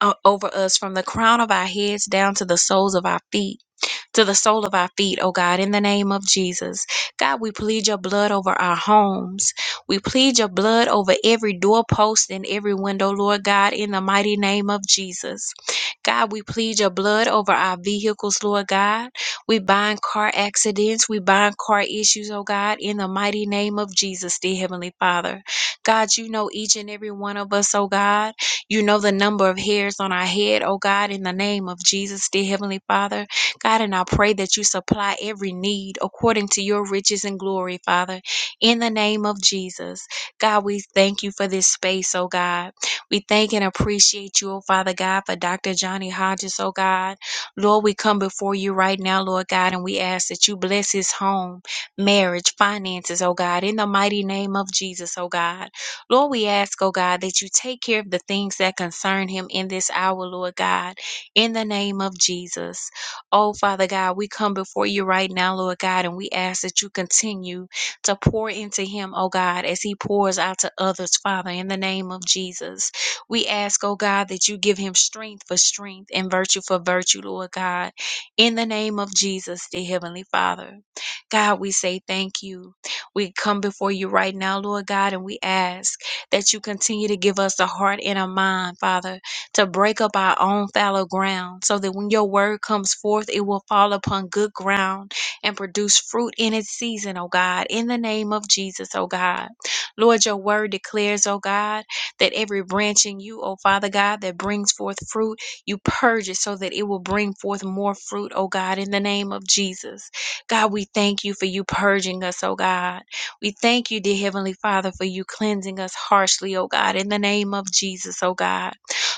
o- over us from the crown of our heads down to the soles of our feet to the sole of our feet, oh God, in the name of Jesus. God, we plead your blood over our homes. We plead your blood over every doorpost and every window, Lord God, in the mighty name of Jesus. God, we plead your blood over our vehicles, Lord God. We bind car accidents. We bind car issues, oh God, in the mighty name of Jesus, dear Heavenly Father. God, you know each and every one of us, oh God. You know the number of hairs on our head, oh God, in the name of Jesus, dear Heavenly Father. God, and I pray that you supply every need according to your riches and glory, Father, in the name of Jesus. God, we thank you for this space, oh God. We thank and appreciate you, oh Father God, for Dr. Johnny Hodges, oh God. Lord, we come before you right now, Lord God, and we ask that you bless his home, marriage, finances, oh God, in the mighty name of Jesus, oh God. Lord, we ask, oh God, that you take care of the things that concern him in this hour, Lord God, in the name of Jesus. Oh, Father God, we come before you right now, Lord God, and we ask that you continue to pour into him, oh God, as he pours out to others, Father, in the name of Jesus. We ask, oh God, that you give him strength for strength and virtue for virtue, Lord God, in the name of Jesus, the Heavenly Father. God, we say thank you. We come before you right now, Lord God, and we ask that you continue to give us a heart and a mind, Father, to break up our own fallow ground so that when your word comes forth, it will fall upon good ground and produce fruit in its season, O God, in the name of Jesus, O God. Lord, your word declares, O God, that every branch in you, O Father God, that brings forth fruit, you purge it so that it will bring forth more fruit, O God, in the name of Jesus. God, we thank you for you purging us, O God. We thank you, dear Heavenly Father, for you cleansing us harshly, O God, in the name of Jesus, O God.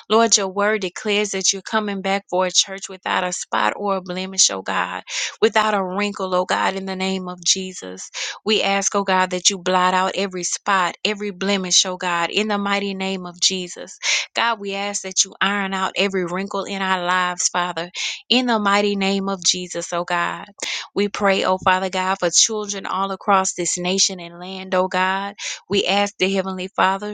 Lord, your word declares that you're coming back for a church without a spot or a blemish, oh God, without a wrinkle, oh God, in the name of Jesus. We ask, oh God, that you blot out every spot, every blemish, oh God, in the mighty name of Jesus. God, we ask that you iron out every wrinkle in our lives, Father, in the mighty name of Jesus, oh God. We pray, oh Father God, for children all across this nation and land, oh God. We ask the Heavenly Father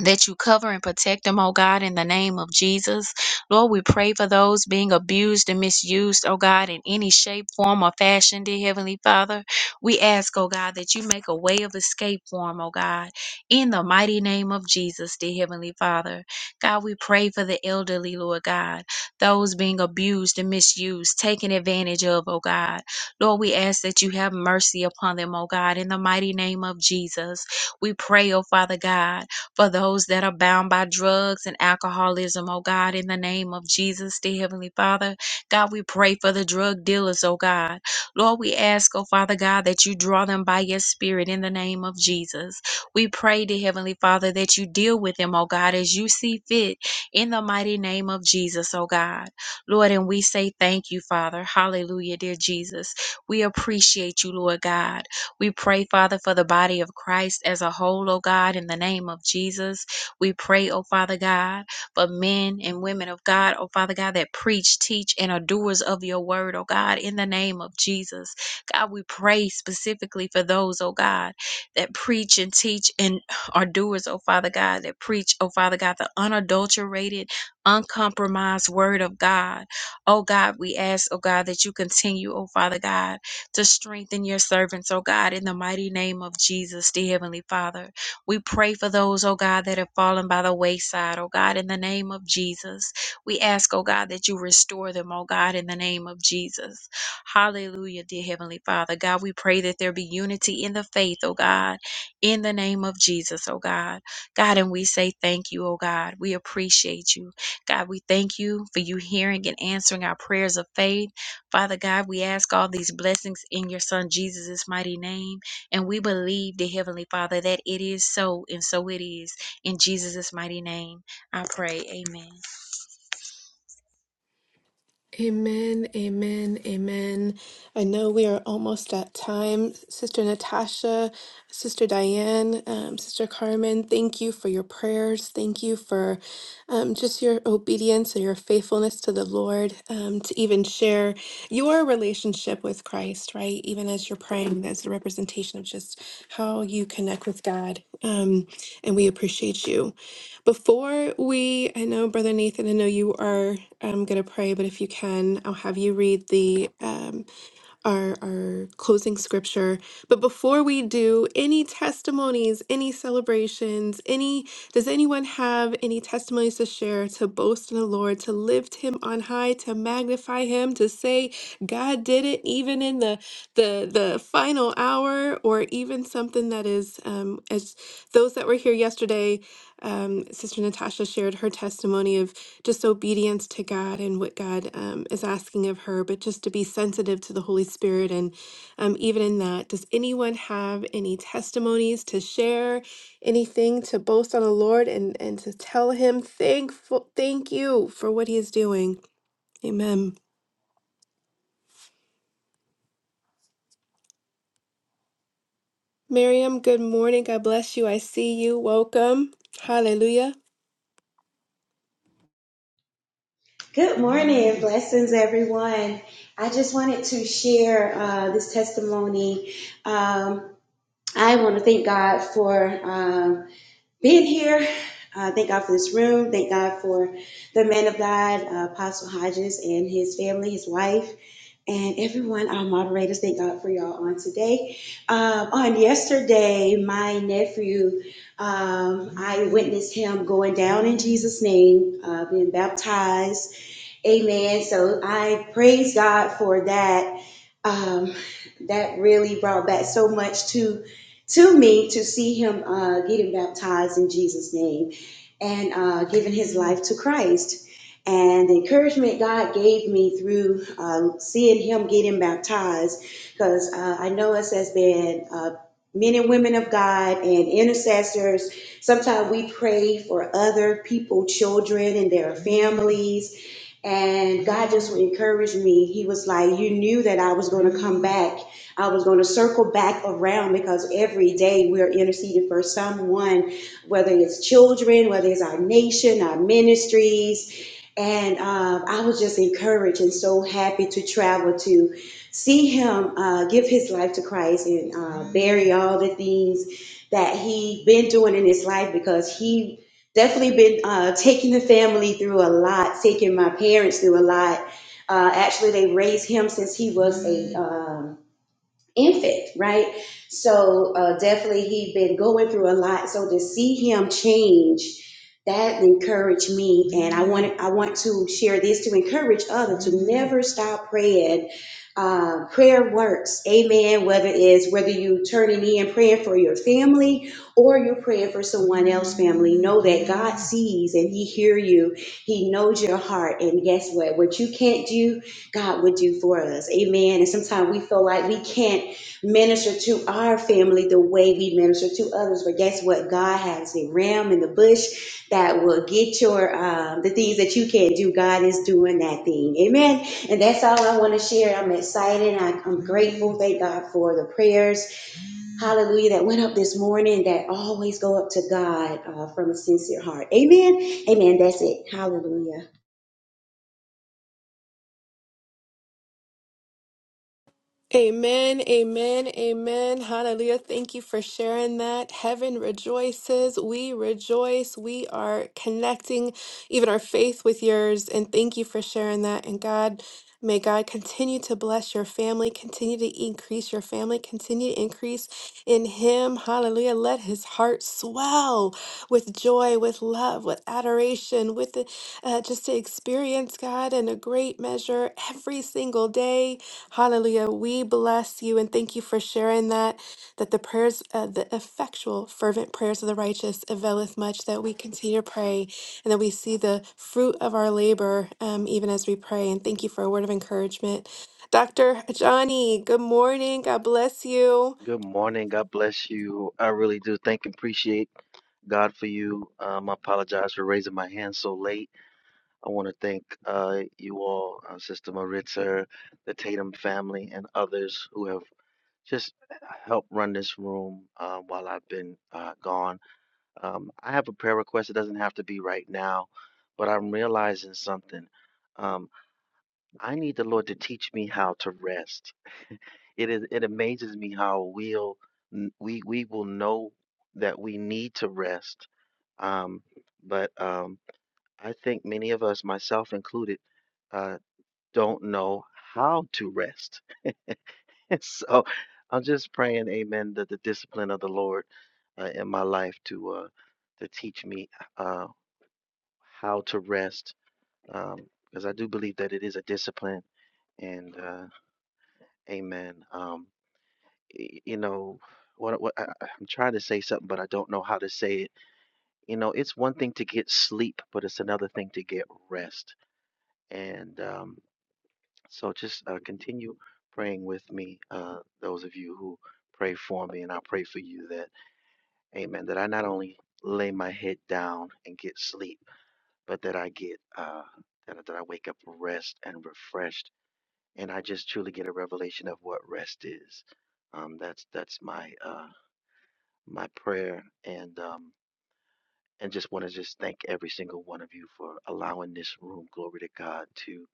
that you cover and protect them, oh God, in the name of Jesus. Lord, we pray for those being abused and misused, oh God, in any shape, form, or fashion, dear Heavenly Father. We ask, oh God, that you make a way of escape for them, oh God, in the mighty name of Jesus, dear Heavenly Father. God, we pray for the elderly, Lord God, those being abused and misused, taken advantage of, oh God. Lord, we ask that you have mercy upon them, oh God, in the mighty name of Jesus. We pray, oh Father God for those that are bound by drugs and alcoholism, oh God, in the name of Jesus, dear Heavenly Father. God, we pray for the drug dealers, oh God. Lord, we ask, oh Father God, that you draw them by your spirit in the name of Jesus. We pray, dear Heavenly Father, that you deal with them, oh God, as you see fit in the mighty name of Jesus, oh God. Lord, and we say thank you, Father. Hallelujah, dear Jesus. We appreciate you, Lord God. We pray, Father, for the body of Christ as a whole, oh God, in the name of Jesus. We pray, oh Father God, for men and women of God, oh Father God, that preach, teach, and are doers of your word, oh God, in the name of Jesus. God, we pray specifically for those, oh God, that preach and teach and are doers, oh Father God, that preach, oh Father God, the unadulterated, uncompromised word of God. Oh God, we ask, oh God, that you continue, oh Father God to strengthen your servants, oh God, in the mighty name of Jesus, the Heavenly Father. We pray for those, oh God, that have fallen by the wayside, oh God, in the name of Jesus. We ask, oh God, that you restore them, oh God, in the name of Jesus. Hallelujah, dear Heavenly Father. God, we pray that there be unity in the faith, oh God, in the name of Jesus, oh God. God, and we say thank you, oh God. We appreciate you. God, we thank you for you hearing and answering our prayers of faith. Father God, we ask all these blessings in your Son Jesus' mighty name. And we believe, the Heavenly Father, that it is so, and so it is. In Jesus' mighty name, I pray. Amen.
Amen, amen, amen. I know we are almost at time. Sister Natasha, Sister Diane, um, Sister Carmen, thank you for your prayers. Thank you for um, just your obedience and your faithfulness to the Lord um, to even share your relationship with Christ, right? Even as you're praying, that's a representation of just how you connect with God. Um, and we appreciate you. Before we, I know, Brother Nathan, I know you are um, going to pray, but if you can, I'll have you read the um, our, our closing scripture. But before we do, any testimonies, any celebrations, any does anyone have any testimonies to share, to boast in the Lord, to lift him on high, to magnify him, to say God did it even in the the the final hour, or even something that is um as those that were here yesterday, um, Sister Natasha shared her testimony of just obedience to God and what God um, is asking of her, but just to be sensitive to the Holy Spirit. And um, even in that, does anyone have any testimonies to share, anything to boast on the Lord and, and to tell Him thankful, thank you for what He is doing? Amen. Miriam, good morning. God bless you. I see you. Welcome. Hallelujah.
Good morning, blessings, everyone. I just wanted to share uh, this testimony. Um, I want to thank God for um, being here. Uh, thank God for this room. Thank God for the man of God, uh, Apostle Hodges, and his family, his wife, and everyone, our moderators. Thank God for y'all on today. Um, on yesterday, my nephew, um, I witnessed him going down in Jesus' name, uh, being baptized Amen. So I praise God for that. Um, that really brought back so much to to me to see him uh, getting baptized in Jesus' name and uh, giving his life to Christ. And the encouragement God gave me through uh, seeing him getting baptized, because uh, I know us as being uh, men and women of God and intercessors, sometimes we pray for other people, children, and their families and God just encouraged me. He was like, You knew that I was going to come back. I was going to circle back around because every day we're interceding for someone, whether it's children, whether it's our nation, our ministries. And um, I was just encouraged and so happy to travel to see him uh, give his life to Christ and uh, bury all the things that he been doing in his life because he definitely been uh, taking the family through a lot, taking my parents through a lot. Uh, actually, they raised him since he was a um, infant, right? So uh, definitely he'd been going through a lot. So to see him change, that encouraged me, and I want I want to share this to encourage others to never stop praying. Uh, prayer works, amen. Whether it's whether you turning in praying for your family or you're praying for someone else's family, know that God sees and He hear you. He knows your heart, and guess what? What you can't do, God would do for us. Amen. And sometimes we feel like we can't minister to our family the way we minister to others. But guess what? God has a ram in the bush that will get your um, the things that you can't do. God is doing that thing. Amen. And that's all I want to share. I'm excited. I, I'm grateful. Thank God for the prayers. Hallelujah. That went up this morning. That always go up to God uh, from a sincere heart. Amen. Amen. That's it. Hallelujah.
Amen, amen, amen. Hallelujah. Thank you for sharing that. Heaven rejoices. We rejoice. We are connecting even our faith with yours. And thank you for sharing that. And God, may God continue to bless your family, continue to increase your family, continue to increase in Him. Hallelujah. Let His heart swell with joy, with love, with adoration, with uh, just to experience God in a great measure every single day. Hallelujah. We bless you and thank you for sharing that, that the prayers, uh, the effectual, fervent prayers of the righteous availeth much, that we continue to pray and that we see the fruit of our labor um, even as we pray. And thank you for a word of encouragement. Dr. Johnny, good morning. God bless you.
Good morning. God bless you. I really do thank and appreciate God for you. Um, I apologize for raising my hand so late. I want to thank uh, you all, uh, Sister Maritza, the Tatum family, and others who have just helped run this room uh, while I've been uh, gone. Um, I have a prayer request. It doesn't have to be right now, but I'm realizing something. Um, I need the Lord to teach me how to rest. It is it amazes me how we'll n- we we will know that we need to rest. Um, but um, I think many of us, myself included, uh, don't know how to rest. so I'm just praying, Amen, that the discipline of the Lord uh, in my life to uh, to teach me uh, how to rest, um, because I do believe that it is a discipline. And uh, Amen. Um, y- you know what, what I, I- I'm trying to say something, but I don't know how to say it. You know, it's one thing to get sleep, but it's another thing to get rest. And um, so just uh, continue praying with me, uh, those of you who pray for me, and I pray for you that, amen, that I not only lay my head down and get sleep, but that I get, uh, that, I- that I wake up rest and refreshed. And I just truly get a revelation of what rest is. Um, that's that's my uh, my prayer and um and just want to just thank every single one of you for allowing this room glory to god to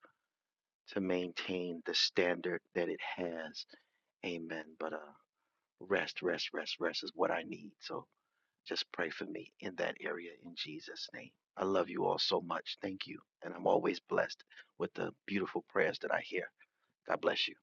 to maintain the standard that it has amen but uh rest rest rest rest is what i need so just pray for me in that area in jesus name i love you all so much thank you and i'm always blessed with the beautiful prayers that i hear god bless you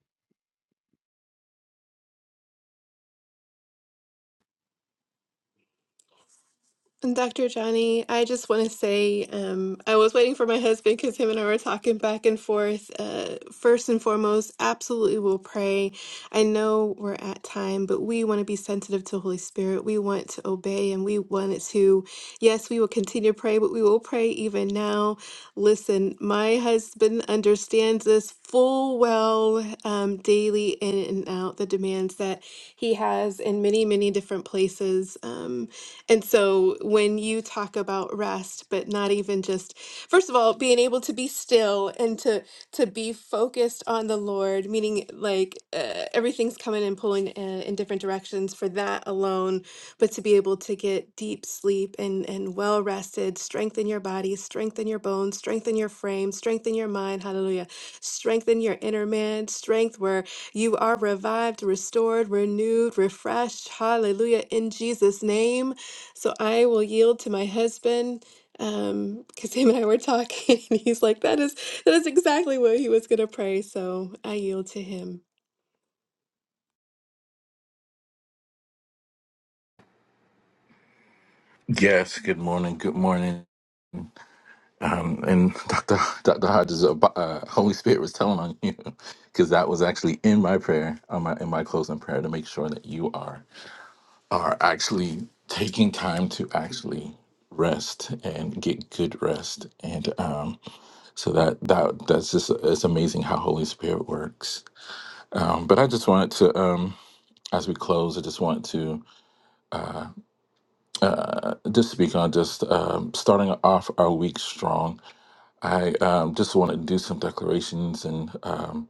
And Dr. Johnny, I just want to say um, I was waiting for my husband because him and I were talking back and forth. Uh, first and foremost, absolutely we'll pray. I know we're at time, but we want to be sensitive to Holy Spirit. We want to obey and we wanted to, yes, we will continue to pray, but we will pray even now. Listen, my husband understands this full well um, daily in and out, the demands that he has in many, many different places. Um, and so when you talk about rest, but not even just first of all, being able to be still and to to be focused on the Lord, meaning like uh, everything's coming and pulling uh, in different directions for that alone, but to be able to get deep sleep and and well rested, strengthen your body, strengthen your bones, strengthen your frame, strengthen your mind, hallelujah. Strengthen your inner man, strength where you are revived, restored, renewed, refreshed, hallelujah in Jesus name. So I will yield to my husband um because him and I were talking and he's like that is that is exactly what he was going to pray. So I yield to him.
Yes, good morning. Good morning. Um, and Dr. Dr. Hodges, about- uh, Holy Spirit was telling on you because that was actually in my prayer, on my, in my closing prayer, to make sure that you are are actually taking time to actually rest and get good rest. And um, so that that that's just it's amazing how Holy Spirit works. Um, but I just wanted to um, as we close, I just want to uh, just speak on just um, starting off our week strong. I um, just want to do some declarations and. Um,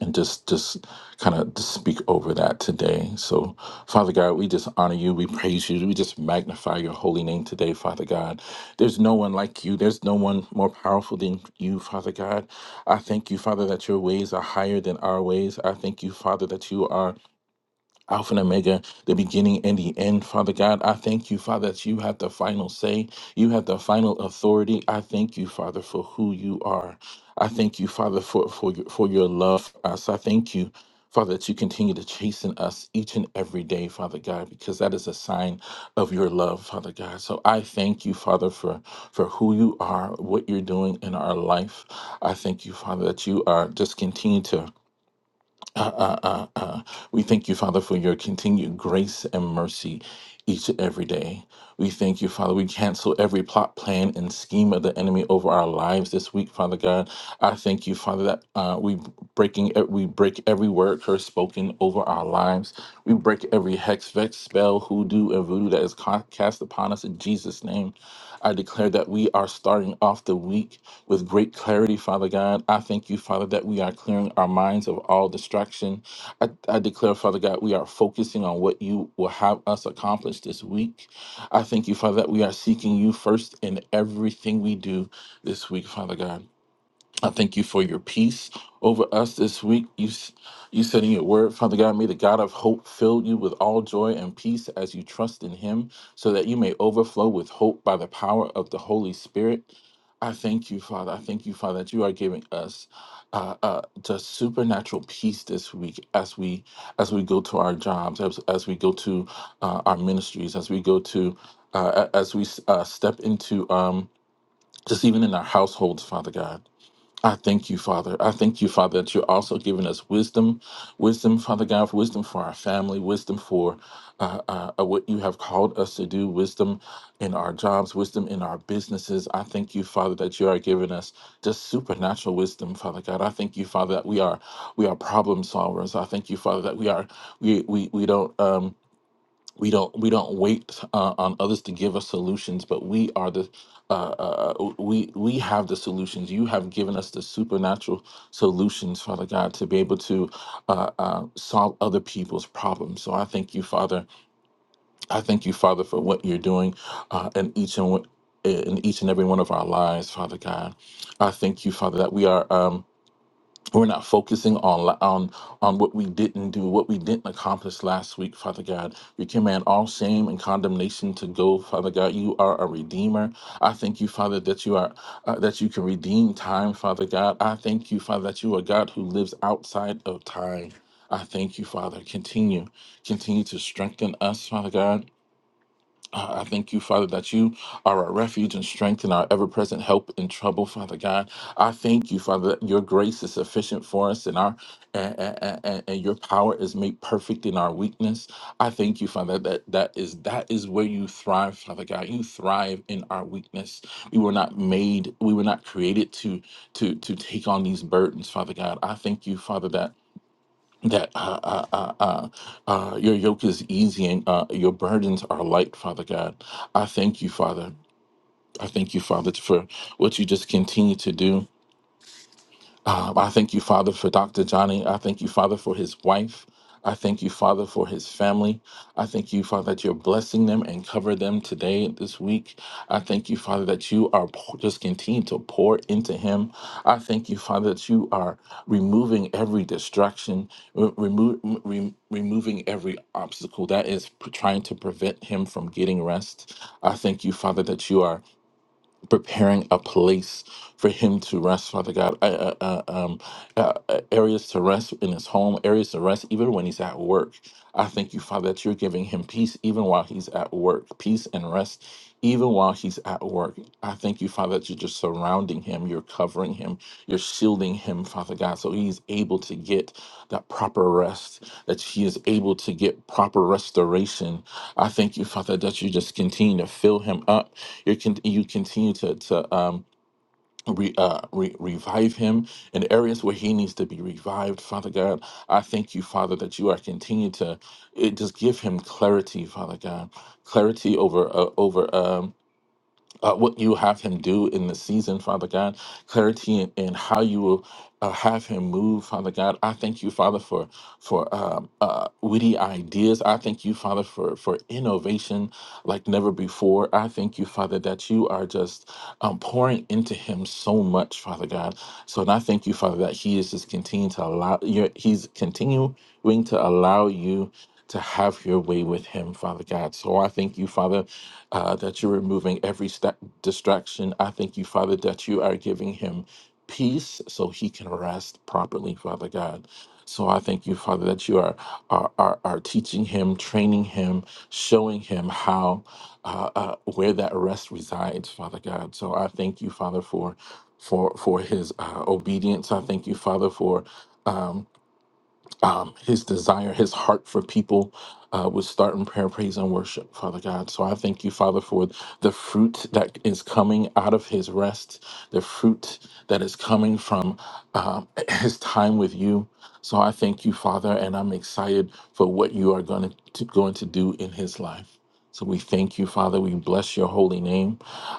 and just just kind of just speak over that today. So, Father God, we just honor you, we praise you, we just magnify your holy name today, Father God. There's no one like you. There's no one more powerful than you, Father God. I thank you, Father, that your ways are higher than our ways. I thank you, Father, that you are Alpha and Omega, the beginning and the end, Father God. I thank you, Father, that you have the final say. You have the final authority. I thank you, Father, for who you are. I thank you, Father, for, for, your, for your love for us. I thank you, Father, that you continue to chasten us each and every day, Father God, because that is a sign of your love, Father God. So I thank you, Father, for, for who you are, what you're doing in our life. I thank you, Father, that you are just continue to uh, uh, uh, uh. We thank you, Father, for your continued grace and mercy each and every day. We thank you, Father. We cancel every plot, plan, and scheme of the enemy over our lives this week, Father God. I thank you, Father, that uh, we breaking e, we break every word curse spoken over our lives. We break every hex, vex, spell, hoodoo, and voodoo that is ca- cast upon us in Jesus' name. I declare that we are starting off the week with great clarity, Father God. I thank you, Father, that we are clearing our minds of all distraction. I, I declare, Father God, we are focusing on what you will have us accomplish this week. I thank you, Father, that we are seeking you first in everything we do this week, Father God. I thank you for your peace over us this week. You, s- you said in your word, Father God, may the God of hope fill you with all joy and peace as you trust in him, so that you may overflow with hope by the power of the Holy Spirit. I thank you, Father. I thank you, Father, that you are giving us uh, uh, just supernatural peace this week as we as we go to our jobs, as, as we go to uh, our ministries, as we go to uh, a- as we uh, step into um, just even in our households, Father God. I thank you, Father. I thank you, Father, that you're also giving us wisdom, wisdom, Father God, for wisdom for our family, wisdom for uh, uh, uh, what you have called us to do, wisdom in our jobs, wisdom in our businesses. I thank you, Father, that you are giving us just supernatural wisdom, Father God. I thank you, Father, that we are we are problem solvers. I thank you, Father, that we are we we we don't. Um, we don't we don't wait uh, on others to give us solutions but we are the uh, uh, uh, we we have the solutions you have given us the supernatural solutions father god to be able to uh, uh, solve other people's problems so i thank you father i thank you father for what you're doing uh, in each and one- in each and every one of our lives father god i thank you father that we are um, we're not focusing on on on what we didn't do, what we didn't accomplish last week, Father God. We command all shame and condemnation to go, Father God. You are a redeemer. I thank you, Father, that you are uh, that you can redeem time, Father God. I thank you, Father, that you are God who lives outside of time. I thank you, Father. Continue, continue to strengthen us, Father God. I I thank you, Father, that you are our refuge and strength and our ever present help in trouble, Father God. I thank you, Father, that your grace is sufficient for us and our and, and, and- and your power is made perfect in our weakness. I thank you, Father, that that is that is where you thrive, Father God. You thrive in our weakness. We were not made, we were not created to to to take on these burdens, Father God. I thank you, Father, that that uh, uh, uh, uh, uh, your yoke is easy and uh, your burdens are light, Father God. I thank you, Father. I thank you, Father, for what you just continue to do. Uh, I thank you, Father, for Dr. Johnny. I thank you, Father, for his wife. I thank you, Father, for his family. I thank you, Father, that you're blessing them and cover them today, this week. I thank you, Father, that you are po- just continue to pour into him. I thank you, Father, that you are removing every distraction, re- remo- re- removing every obstacle that is p- trying to prevent him from getting rest. I thank you, Father, that you are preparing a place for him to rest, Father God. Uh, uh, uh, um, uh, uh, areas to rest in his home, areas to rest even when he's at work. I thank you, Father, that you're giving him peace even while he's at work, peace and rest even while he's at work. I thank you, Father, that you're just surrounding him, you're covering him, you're shielding him, Father God, so he's able to get that proper rest, that he is able to get proper restoration. I thank you, Father, that you just continue to fill him up you can you continue to to um re, uh, re, revive him in areas where he needs to be revived father god i thank you father that you are continuing to it, just give him clarity father god clarity over uh, over um uh, what you have him do in the season, Father God, clarity in, in how you will uh, have him move, Father God. I thank you, Father, for for um, uh, witty ideas. I thank you, Father, for for innovation like never before. I thank you, Father, that you are just um, pouring into him so much, Father God. So, and I thank you, Father, that he is just continuing to allow. You're, he's continuing to allow you to have your way with him, Father God. So I thank you, Father, uh, that you're removing every sta- distraction. I thank you, Father, that you are giving him peace so he can rest properly, Father God. So I thank you, Father, that you are are, are, are teaching him, training him, showing him how uh, uh, where that rest resides, Father God. So I thank you, Father, for for for his uh, obedience. I thank you, Father, for. Um, um, his desire, his heart for people uh, would start in prayer, praise, and worship, Father God. So I thank you, Father, for the fruit that is coming out of his rest, the fruit that is coming from uh, his time with you. So I thank you, Father, and I'm excited for what you are going to going to do in his life. So we thank you, Father. We bless your holy name.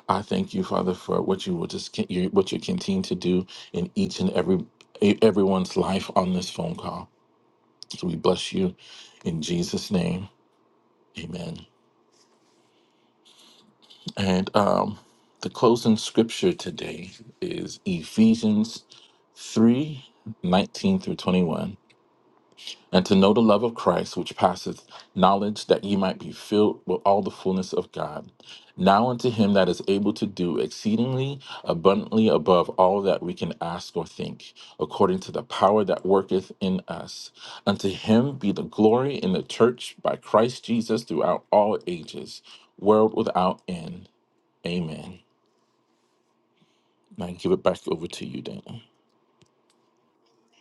I thank you, Father, for what you will just what you continue to do in each and every everyone's life on this phone call. So we bless you in Jesus' name. Amen. And um, the closing scripture today is Ephesians 3 19 through 21. and to know the love of Christ, which passeth knowledge, that ye might be filled with all the fullness of God. Now unto him that is able to do exceedingly abundantly above all that we can ask or think, according to the power that worketh in us. Unto him be the glory in the church by Christ Jesus throughout all ages, world without end. Amen. And I give it back over to you, Dana.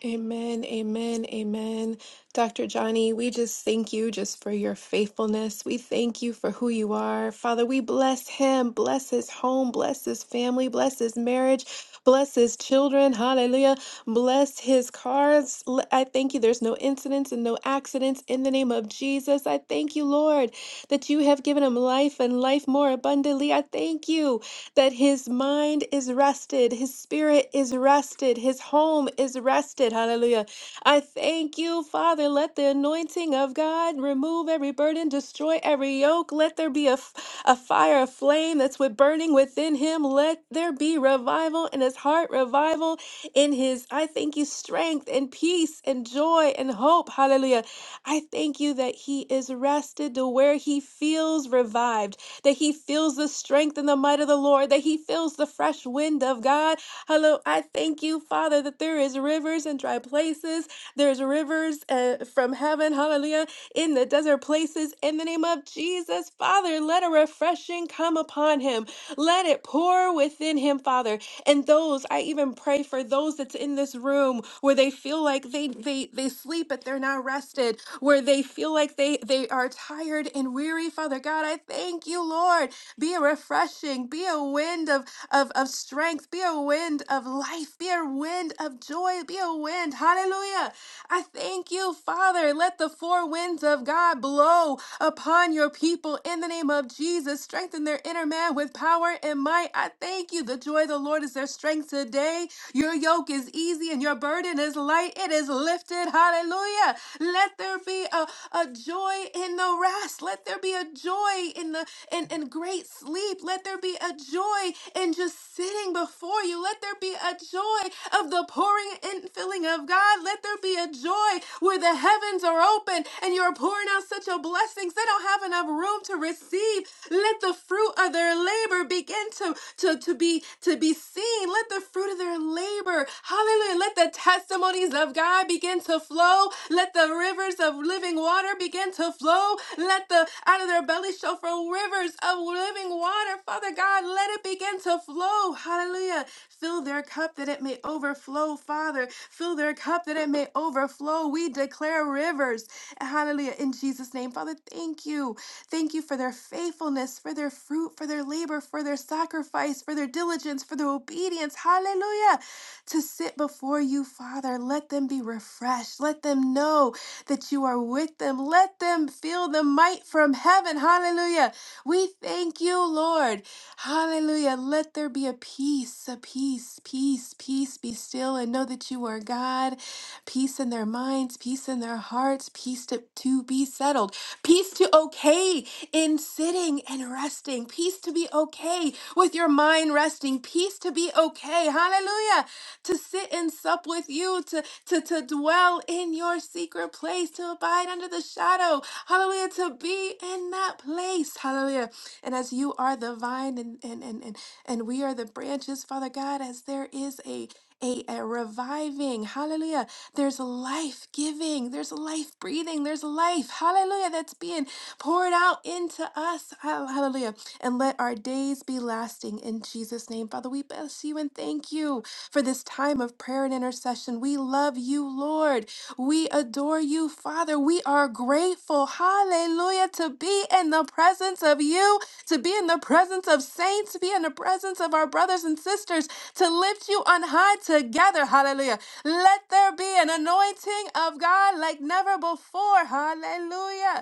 Amen, amen, amen. Dr. Johnny, we just thank you just for your faithfulness. We thank you for who you are. Father, we bless him, bless his home, bless his family, bless his marriage, bless his children. Hallelujah. Bless his cars. L- I thank you. There's no incidents and no accidents in the name of Jesus. I thank you, Lord, that you have given him life and life more abundantly. I thank you that his mind is rested, his spirit is rested, his home is rested. Hallelujah. I thank you, Father. Let the anointing of God remove every burden, destroy every yoke. Let there be a, f- a fire, a flame that's with burning within him. Let there be revival in his heart, revival in his, I thank you, strength and peace and joy and hope. Hallelujah. I thank you that he is rested to where he feels revived that he feels the strength and the might of the Lord, that he feels the fresh wind of God. Hello, I thank you, Father, that there is rivers in dry places. There's rivers uh, from heaven, hallelujah, in the desert places in the name of Jesus. Father, let a refreshing come upon him. Let it pour within him, Father. And those, I even pray for those that's in this room where they feel like they they they sleep but they're not rested, where they feel like they they are tired and weary, Father God. I thank you, Lord. Be a refreshing, be a wind of of, of strength, be a wind of life, be a wind of joy, be a wind, hallelujah, I thank you, Father. Let the four winds of God blow upon your people in the name of Jesus. Strengthen their inner man with power and might. I thank you. The joy of the Lord is their strength today. Your yoke is easy and your burden is light. It is lifted. Hallelujah. Let there be a, a joy in the rest. Let there be a joy in the in, in great sleep. Let there be a joy in just sitting before you. Let there be a joy of the pouring and filling of God. Let there be be a joy where the heavens are open and you're pouring out such a blessings. They don't have enough room to receive. Let the fruit of their labor begin to, to, to be to be seen. Let the fruit of their labor, hallelujah. Let the testimonies of God begin to flow. Let the rivers of living water begin to flow. Let the out of their belly shall flow rivers of living water. Father God, let it begin to flow. Hallelujah. Fill their cup that it may overflow, Father. Fill their cup that it may overflow. We declare rivers. Hallelujah. In Jesus' name, Father, thank you. Thank you for their faithfulness, for their fruit, for their labor, for their sacrifice, for their diligence, for their obedience. Hallelujah To sit sit before you, Father, let them be refreshed. Let them know that you are with them. Let them feel the might from heaven. Hallelujah. We thank you, Lord. Hallelujah. Let there be a peace, a peace, peace, peace. Be still and know that you are God. Peace in their minds, peace in their hearts, peace to, to be settled, peace to okay in sitting and resting, peace to be okay with your mind resting, peace to be okay. Hallelujah to sit and sup with you, to, to, to dwell in your secret place, to abide under the shadow. Hallelujah. To be in that place. Hallelujah. And as you are the vine and and and and, and we are the branches, Father God, as there is a a, a reviving, hallelujah. There's life giving, there's life breathing, there's life, hallelujah, that's being poured out into us, hallelujah. And let our days be lasting in Jesus' name. Father, we bless you and thank you for this time of prayer and intercession. We love you, Lord. We adore you, Father. We are grateful, hallelujah, to be in the presence of you, to be in the presence of saints, to be in the presence of our brothers and sisters, to lift you on high together, hallelujah. Let there be an anointing of God like never before, hallelujah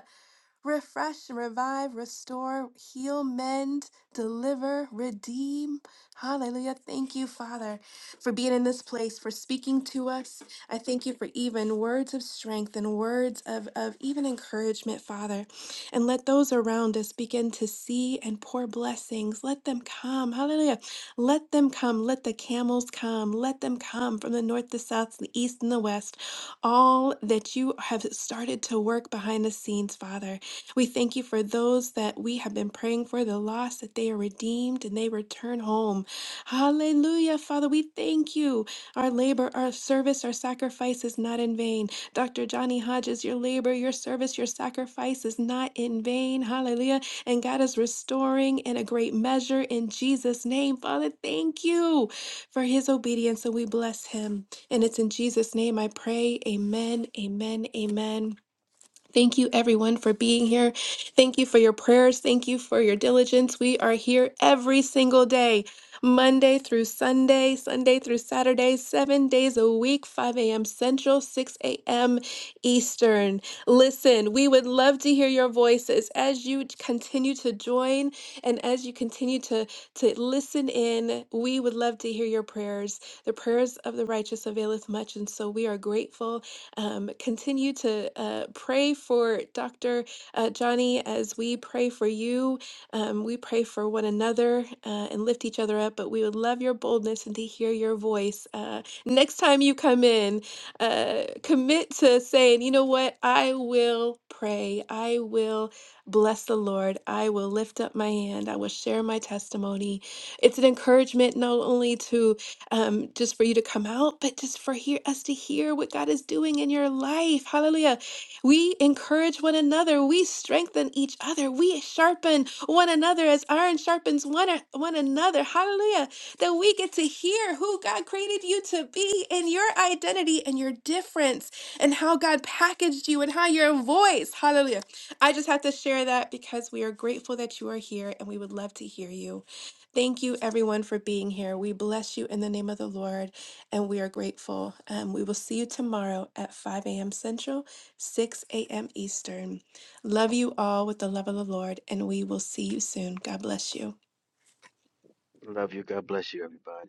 refresh, revive, restore, heal, mend, deliver, redeem. Hallelujah. Thank you, Father, for being in this place, for speaking to us. I thank you for even words of strength and words of, of even encouragement, Father. And let those around us begin to see and pour blessings. Let them come. Hallelujah. Let them come. Let the camels come. Let them come from the north, the south, the east, and the west. All that you have started to work behind the scenes, Father. We thank you for those that we have been praying for, the lost, that they are redeemed and they return home. Hallelujah, Father. We thank you. Our labor, our service, our sacrifice is not in vain. Dr. Johnny Hodges, your labor, your service, your sacrifice is not in vain. Hallelujah. And God is restoring in a great measure in Jesus' name. Father, thank you for his obedience. And we bless him. And it's in Jesus' name I pray. Amen, amen, amen. Thank you, everyone, for being here. Thank you for your prayers. Thank you for your diligence. We are here every single day, Monday through Sunday, Sunday through Saturday, seven days a week, 5 a.m. Central, 6 a.m. Eastern. Listen, we would love to hear your voices as you continue to join and as you continue to, to listen in. We would love to hear your prayers. The prayers of the righteous availeth much. And so we are grateful um, continue to uh, pray for Dr. Uh, Johnny as we pray for you. Um, we pray for one another uh, and lift each other up, but we would love your boldness and to hear your voice. Uh, next time you come in, uh, commit to saying, you know what, I will pray. I will bless the Lord. I will lift up my hand. I will share my testimony. It's an encouragement not only to um, just for you to come out, but just for hear us to hear what God is doing in your life. Hallelujah. We encourage one another. We strengthen each other. We sharpen one another as iron sharpens one, one another. Hallelujah. That we get to hear who God created you to be and your identity and your difference and how God packaged you and how your voice. Hallelujah. I just have to share that because we are grateful that you are here and we would love to hear you. Thank you, everyone, for being here. We bless you in the name of the Lord, and we are grateful. Um, we will see you tomorrow at 5 a.m. Central, 6 a.m. Eastern. Love you all with the love of the Lord, and we will see you soon. God bless you.
love you god bless you everybody